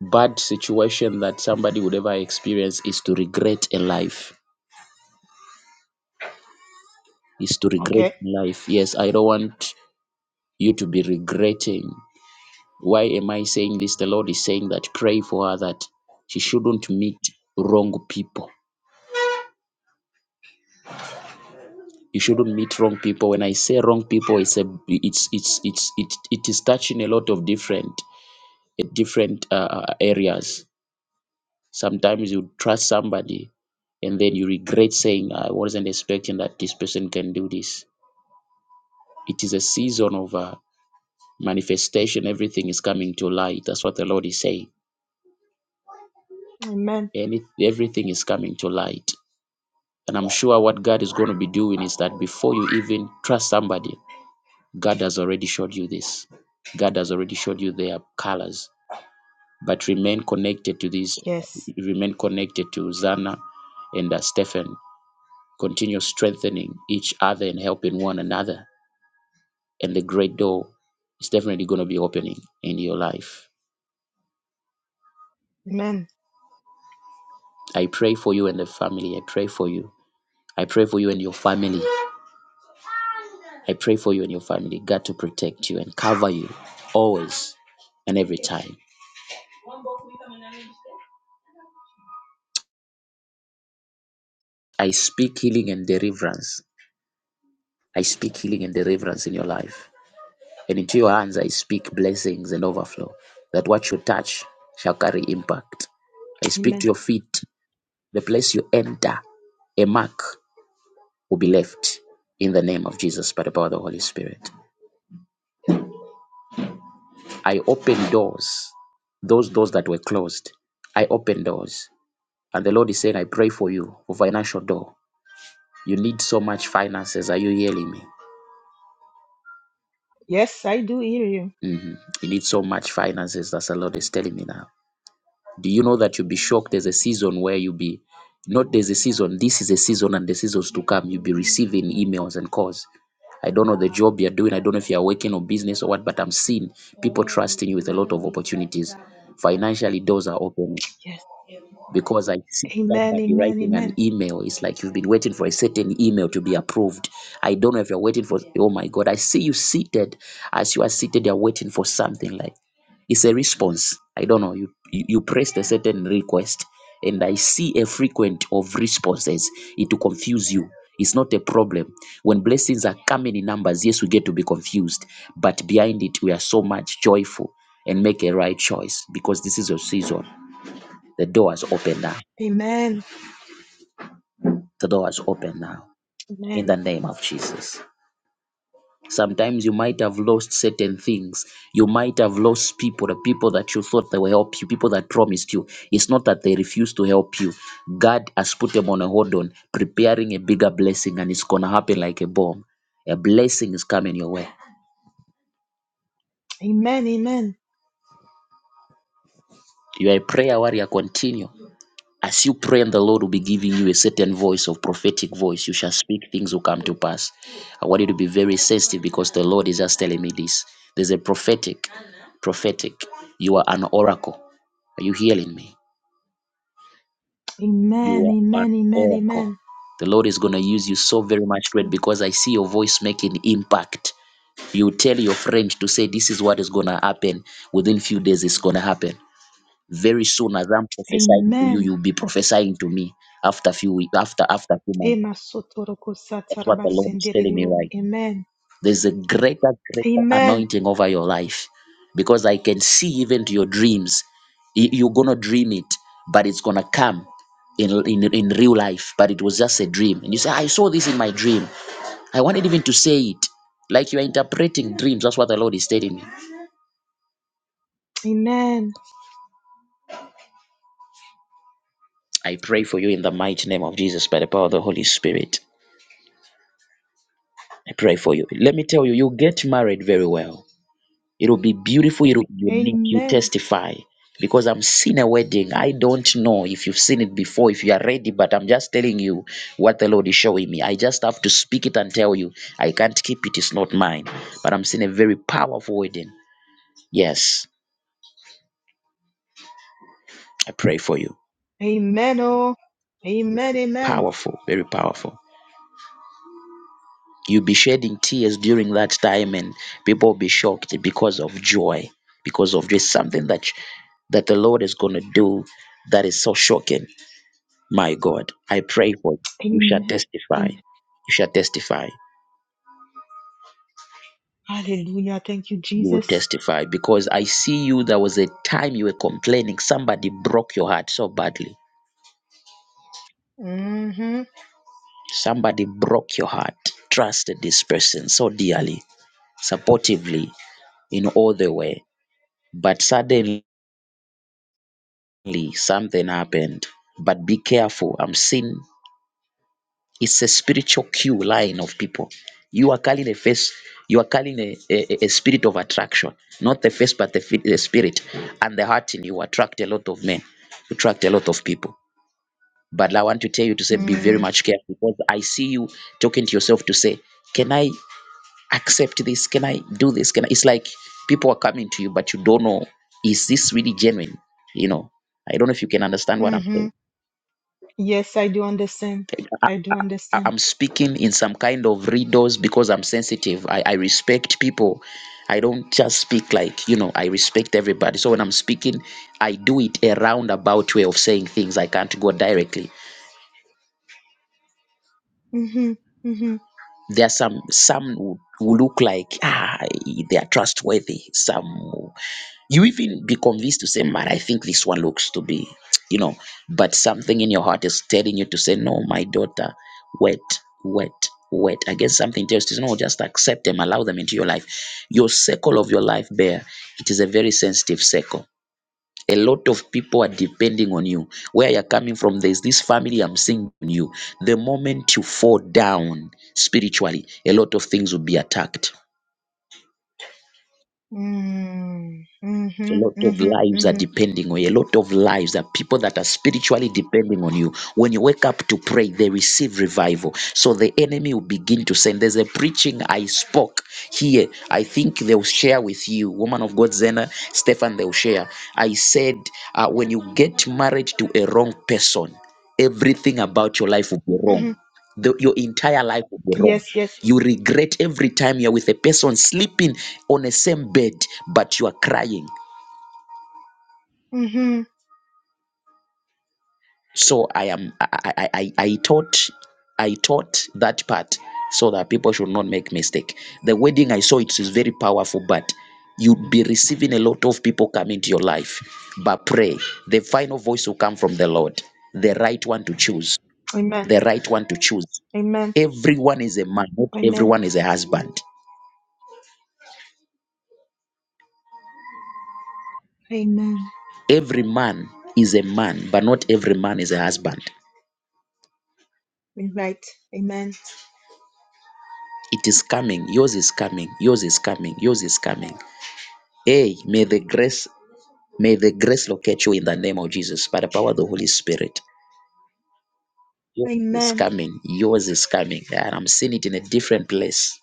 [SPEAKER 1] bad situation that somebody would ever experience is to regret a life is to regret
[SPEAKER 9] Okay.
[SPEAKER 1] life yes i don't want you to be regretting why am i saying this the lord is saying that pray for her that she shouldn't meet wrong people you shouldn't meet wrong people when i say wrong people it's a it's it's it's it, it is touching a lot of different uh, different uh, uh, areas sometimes you trust somebody and then you regret saying i wasn't expecting that this person can do this It is a season of uh, manifestation. Everything is coming to light. That's what the Lord is saying.
[SPEAKER 9] Amen.
[SPEAKER 1] Any, everything is coming to light. And I'm sure what God is going to be doing is that before you even trust somebody, God has already showed you this. God has already showed you their colors. But remain connected to this,
[SPEAKER 9] Yes.
[SPEAKER 1] remain connected to Zana and uh, Stephen. Continue strengthening each other and helping one another. And the great door is definitely going to be opening in your life.
[SPEAKER 9] Amen.
[SPEAKER 1] I pray for you and the family. I pray for you. I pray for you and your family. I pray for you and your family. God to protect you and cover you always and every time. I speak healing and deliverance. I speak healing and deliverance in your life. And into your hands I speak blessings and overflow. That what you touch shall carry impact. I speak to
[SPEAKER 9] Amen.
[SPEAKER 1] your feet. The place you enter, a mark will be left in the name of Jesus by the power of the Holy Spirit. I open doors, those doors that were closed. I open doors. And the Lord is saying, I pray for you for financial door. You need so much finances. Are you hearing me?
[SPEAKER 9] Yes, I do hear you.
[SPEAKER 1] Mhm. You need so much finances. That's the Lord is telling me now. Do you know that you'll be shocked? There's a season where you'll be not there's a season. This is a season and the seasons to come. You'll be receiving emails and calls. I don't know the job you're doing. I don't know if you're working or business or what, but I'm seeing people trusting you with a lot of opportunities. Financially, doors are open.
[SPEAKER 9] Yes.
[SPEAKER 1] because I see
[SPEAKER 9] Amen.
[SPEAKER 1] somebody
[SPEAKER 9] Amen.
[SPEAKER 1] writing an
[SPEAKER 9] Amen.
[SPEAKER 1] email. It's like you've been waiting for a certain email to be approved. I don't know if you're waiting for, oh my God, I see you seated. As you are seated, you're waiting for something like it's a response. I don't know. You, you, you pressed a certain request, and I see a frequent of responses. It will confuse you. It's not a problem. When blessings are coming in numbers, yes, we get to be confused, but behind it, we are so much joyful and make a right choice because this is your season. The door has opened up.
[SPEAKER 9] Amen.
[SPEAKER 1] The door is open now in
[SPEAKER 9] Amen.
[SPEAKER 1] the name of Jesus. Sometimes you might have lost certain things. You might have lost people, the people that you thought they will help you, people that promised you. It's not that they refuse to help you. God has put them on a hold on, preparing a bigger blessing, and it's going to happen like a bomb. A blessing is coming your way.
[SPEAKER 9] Amen. Amen.
[SPEAKER 1] You are a prayer warrior. Continue. As you pray and the Lord will be giving you a certain voice of prophetic voice, you shall speak, things will come to pass. I want you to be very sensitive because the Lord is just telling me this. There's a prophetic, prophetic. You are an oracle. Are you hearing me?
[SPEAKER 9] Amen.
[SPEAKER 1] You are an
[SPEAKER 9] Amen. Amen.
[SPEAKER 1] oracle.
[SPEAKER 9] Amen.
[SPEAKER 1] The Lord is going to use you so very much great because I see your voice making impact. You tell your friend to say this is what is going to happen within few days it's going to happen. Very soon, as I'm prophesying to you,
[SPEAKER 9] Amen.
[SPEAKER 1] you'll be prophesying to me after a few weeks, after after a few months. That's what the Lord is telling me
[SPEAKER 9] Emasotorokosatarabasenderebo.
[SPEAKER 1] right now.
[SPEAKER 9] Amen.
[SPEAKER 1] There's a greater, greater
[SPEAKER 9] Amen.
[SPEAKER 1] anointing over your life because I can see even to your dreams. Y- You're gonna dream it, but it's gonna come in, in in real life. But it was just a dream, and you say, "I saw this in my dream." I wanted even to say it, like you are interpreting dreams. That's what the Lord is telling me.
[SPEAKER 9] Amen.
[SPEAKER 1] I pray for you in the mighty name of Jesus by the power of the Holy Spirit. I pray for you. Let me tell you, you get married very well. It'll be beautiful. It'll be unique. You
[SPEAKER 9] Amen.
[SPEAKER 1] testify. Because I'm seeing a wedding. I don't know if you've seen it before, if you are ready, but I'm just telling you what the Lord is showing me. I just have to speak it and tell you. I can't keep it, it's not mine. But I'm seeing a very powerful wedding. Yes, I pray for you.
[SPEAKER 9] Amen. Oh. Amen. Amen.
[SPEAKER 1] Powerful, very powerful. You'll be shedding tears during that time, and people will be shocked because of joy, because of just something that that the Lord is going to do that is so shocking. My God, I pray for you. You shall
[SPEAKER 9] Amen.
[SPEAKER 1] testify.
[SPEAKER 9] Amen.
[SPEAKER 1] You shall testify.
[SPEAKER 9] Hallelujah. Thank you,
[SPEAKER 1] You will
[SPEAKER 9] Jesus.
[SPEAKER 1] testify because I see you. There was a time you were complaining. Somebody broke your heart so badly.
[SPEAKER 9] Mm-hmm.
[SPEAKER 1] Somebody broke your heart. Trusted this person so dearly, supportively in all the way. But suddenly, Suddenly something happened. But be careful. I'm seeing it's a spiritual queue line of people. You are calling a face, you are calling a, a, a spirit of attraction. Not the face, but the, fi- the spirit. And the heart in you attract a lot of men, you attract a lot of people. But I want to tell you to say, be very
[SPEAKER 9] Mm.
[SPEAKER 1] much careful because I see you talking to yourself to say, can I accept this? Can I do this? Can I? It's like people are coming to you, but you don't know, is this really genuine? You know, I don't know if you can understand what I'm
[SPEAKER 9] Mm-hmm. Yes, I do understand.
[SPEAKER 1] saying.
[SPEAKER 9] I do
[SPEAKER 1] I-
[SPEAKER 9] understand.
[SPEAKER 1] I'm speaking in some kind of riddles because I'm sensitive. I, I respect people. I don't just speak like, you know, I respect everybody. So when I'm speaking, I do it a roundabout way of saying things. I can't go directly.
[SPEAKER 9] Mm-hmm. Mm-hmm.
[SPEAKER 1] There are some, some who who look like, ah, they are trustworthy. Some you even be convinced to say, man, I think this one looks to be, you know, but something in your heart is telling you to say, no, my daughter, wait, wait, wait. I guess something tells you, no, just accept them, allow them into your life. Your circle of your life bear, it is a very sensitive circle. A lot of people are depending on you. Where you're coming from, there's this family I'm seeing on you. The moment you fall down spiritually, a lot of things will be attacked
[SPEAKER 9] Mm.
[SPEAKER 1] A
[SPEAKER 9] Mm-hmm.
[SPEAKER 1] lot of
[SPEAKER 9] Mm-hmm.
[SPEAKER 1] lives are
[SPEAKER 9] Mm-hmm.
[SPEAKER 1] depending on you. A lot of lives are people that are spiritually depending on you. When you wake up to pray, they receive revival. So the enemy will begin to send. There's a preaching I spoke here. I think they'll share with you, woman of God, Zena, Stefan, they'll share. I said, uh, when you get married to a wrong person, everything about your life will be wrong.
[SPEAKER 9] Mm-hmm.
[SPEAKER 1] The- your entire life will be wrong.
[SPEAKER 9] Yes, yes.
[SPEAKER 1] You regret every time you're with a person sleeping on the same bed, but you are crying.
[SPEAKER 9] Mm-hmm.
[SPEAKER 1] so i am i i i, I taught i taught that part so that people should not make mistake the wedding i saw it is very powerful but you'd be receiving a lot of people coming to your life but pray the final voice will come from the lord the right one to choose
[SPEAKER 9] Amen.
[SPEAKER 1] the right one to choose
[SPEAKER 9] Amen.
[SPEAKER 1] everyone is a man not
[SPEAKER 9] Amen.
[SPEAKER 1] everyone is a husband
[SPEAKER 9] Amen.
[SPEAKER 1] every man is a man but not every man is a husband
[SPEAKER 9] Right. Amen.
[SPEAKER 1] it is coming yours is coming yours is coming yours is coming Hey, may the grace May the grace locate you in the name of Jesus by the power of the Holy Spirit. Yours is
[SPEAKER 9] Amen.
[SPEAKER 1] coming. Yours is coming. And I'm seeing it in a different place.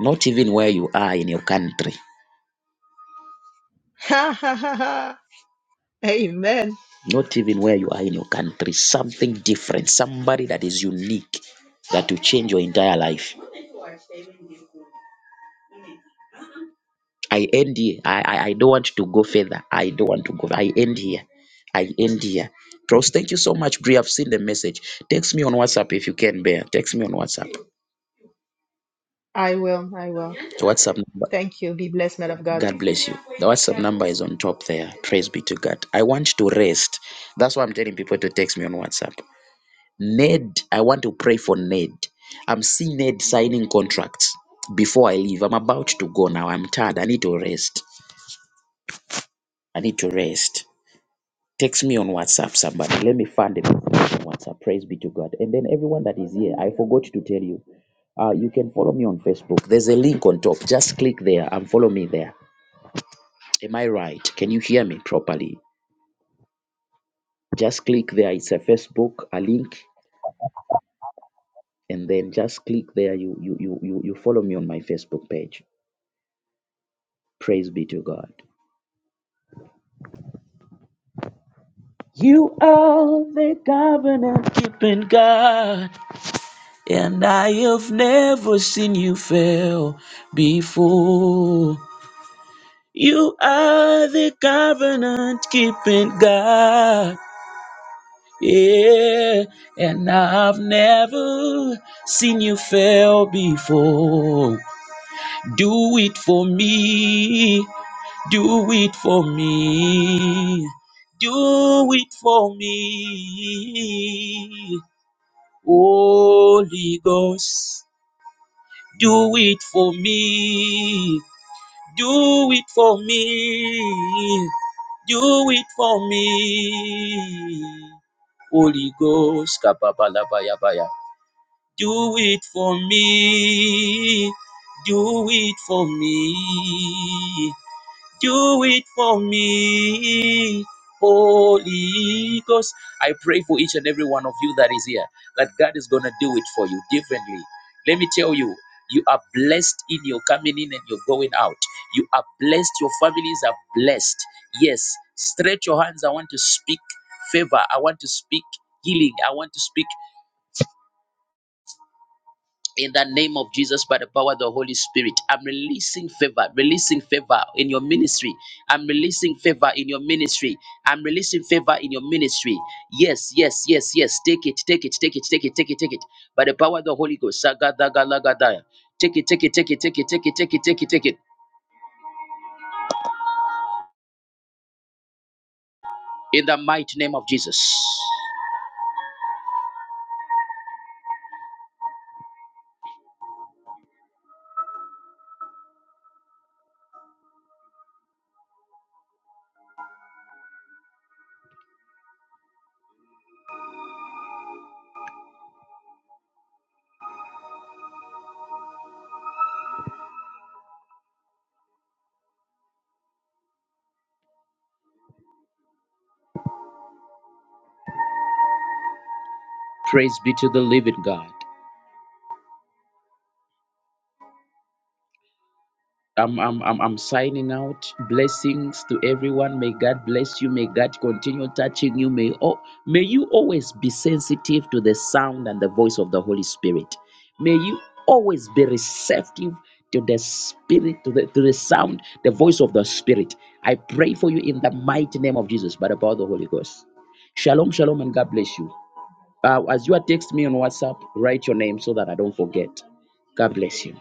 [SPEAKER 1] Not even where you are in your country.
[SPEAKER 9] Ha ha ha ha. Amen.
[SPEAKER 1] Not even where you are in your country. Something different. Somebody that is unique that will change your entire life. I end here. I, I, I don't want to go further. I don't want to go. I end here. I end here. Pros, thank you so much, Bri. I've seen the message. Text me on WhatsApp if you can bear. Text me on WhatsApp.
[SPEAKER 9] I will. I will.
[SPEAKER 1] WhatsApp number.
[SPEAKER 9] Thank you. Be blessed, man of God.
[SPEAKER 1] God bless you. The WhatsApp number is on top there. Praise be to God. I want to rest. That's why I'm telling people to text me on WhatsApp. Ned, I want to pray for Ned. I'm seeing Ned signing contracts before I leave. I'm about to go now. I'm tired. I need to rest. I need to rest. Text me on WhatsApp, somebody. Let me find it on WhatsApp. Praise be to God. And then everyone that is here, I forgot to tell you. Uh, you can follow me on Facebook. There's a link on top. Just click there and follow me there. Am I right? Can you hear me properly? just click there it's a facebook a link and then just click there you you you you, you follow me on my facebook page praise be to god you are the covenant keeping god and i have never seen you fail before you are the covenant keeping god yeah and i've never seen you fail before Do it for me. Do it for me. Do it for me. Holy Ghost, do it for me. Do it for me. Do it for me. Holy Ghost, kababalabayabaya. do it for me. Do it for me. Do it for me, Holy Ghost. I pray for each and every one of you that is here that God is going to do it for you differently. Let me tell you, you are blessed in your coming in and your going out. You are blessed. Your families are blessed. Yes, stretch your hands. I want to speak favor. I want to speak healing. I want to speak in the name of Jesus by the power of the Holy Spirit. I'm releasing favor, releasing favor in your ministry. I'm releasing favor in your ministry. I'm releasing favor in your ministry. Yes, yes, yes, yes. Take it, take it, take it, take it, take it, take it. By the power of the Holy Ghost. Sagadagalagadiah. Take it, take it, take it, take it, take it, take it, take it, take it. In the mighty name of Jesus. Praise be to the living God. I'm, I'm, I'm, I'm signing out. Blessings to everyone. May God bless you. May God continue touching you. May, oh, may you always be sensitive to the sound and the voice of the Holy Spirit. May you always be receptive to the spirit, to the, to the sound, the voice of the Spirit. I pray for you in the mighty name of Jesus, by the power of the Holy Ghost. Shalom, shalom, and God bless you. Uh, as you are text me on WhatsApp, write your name so that I don't forget. God bless you.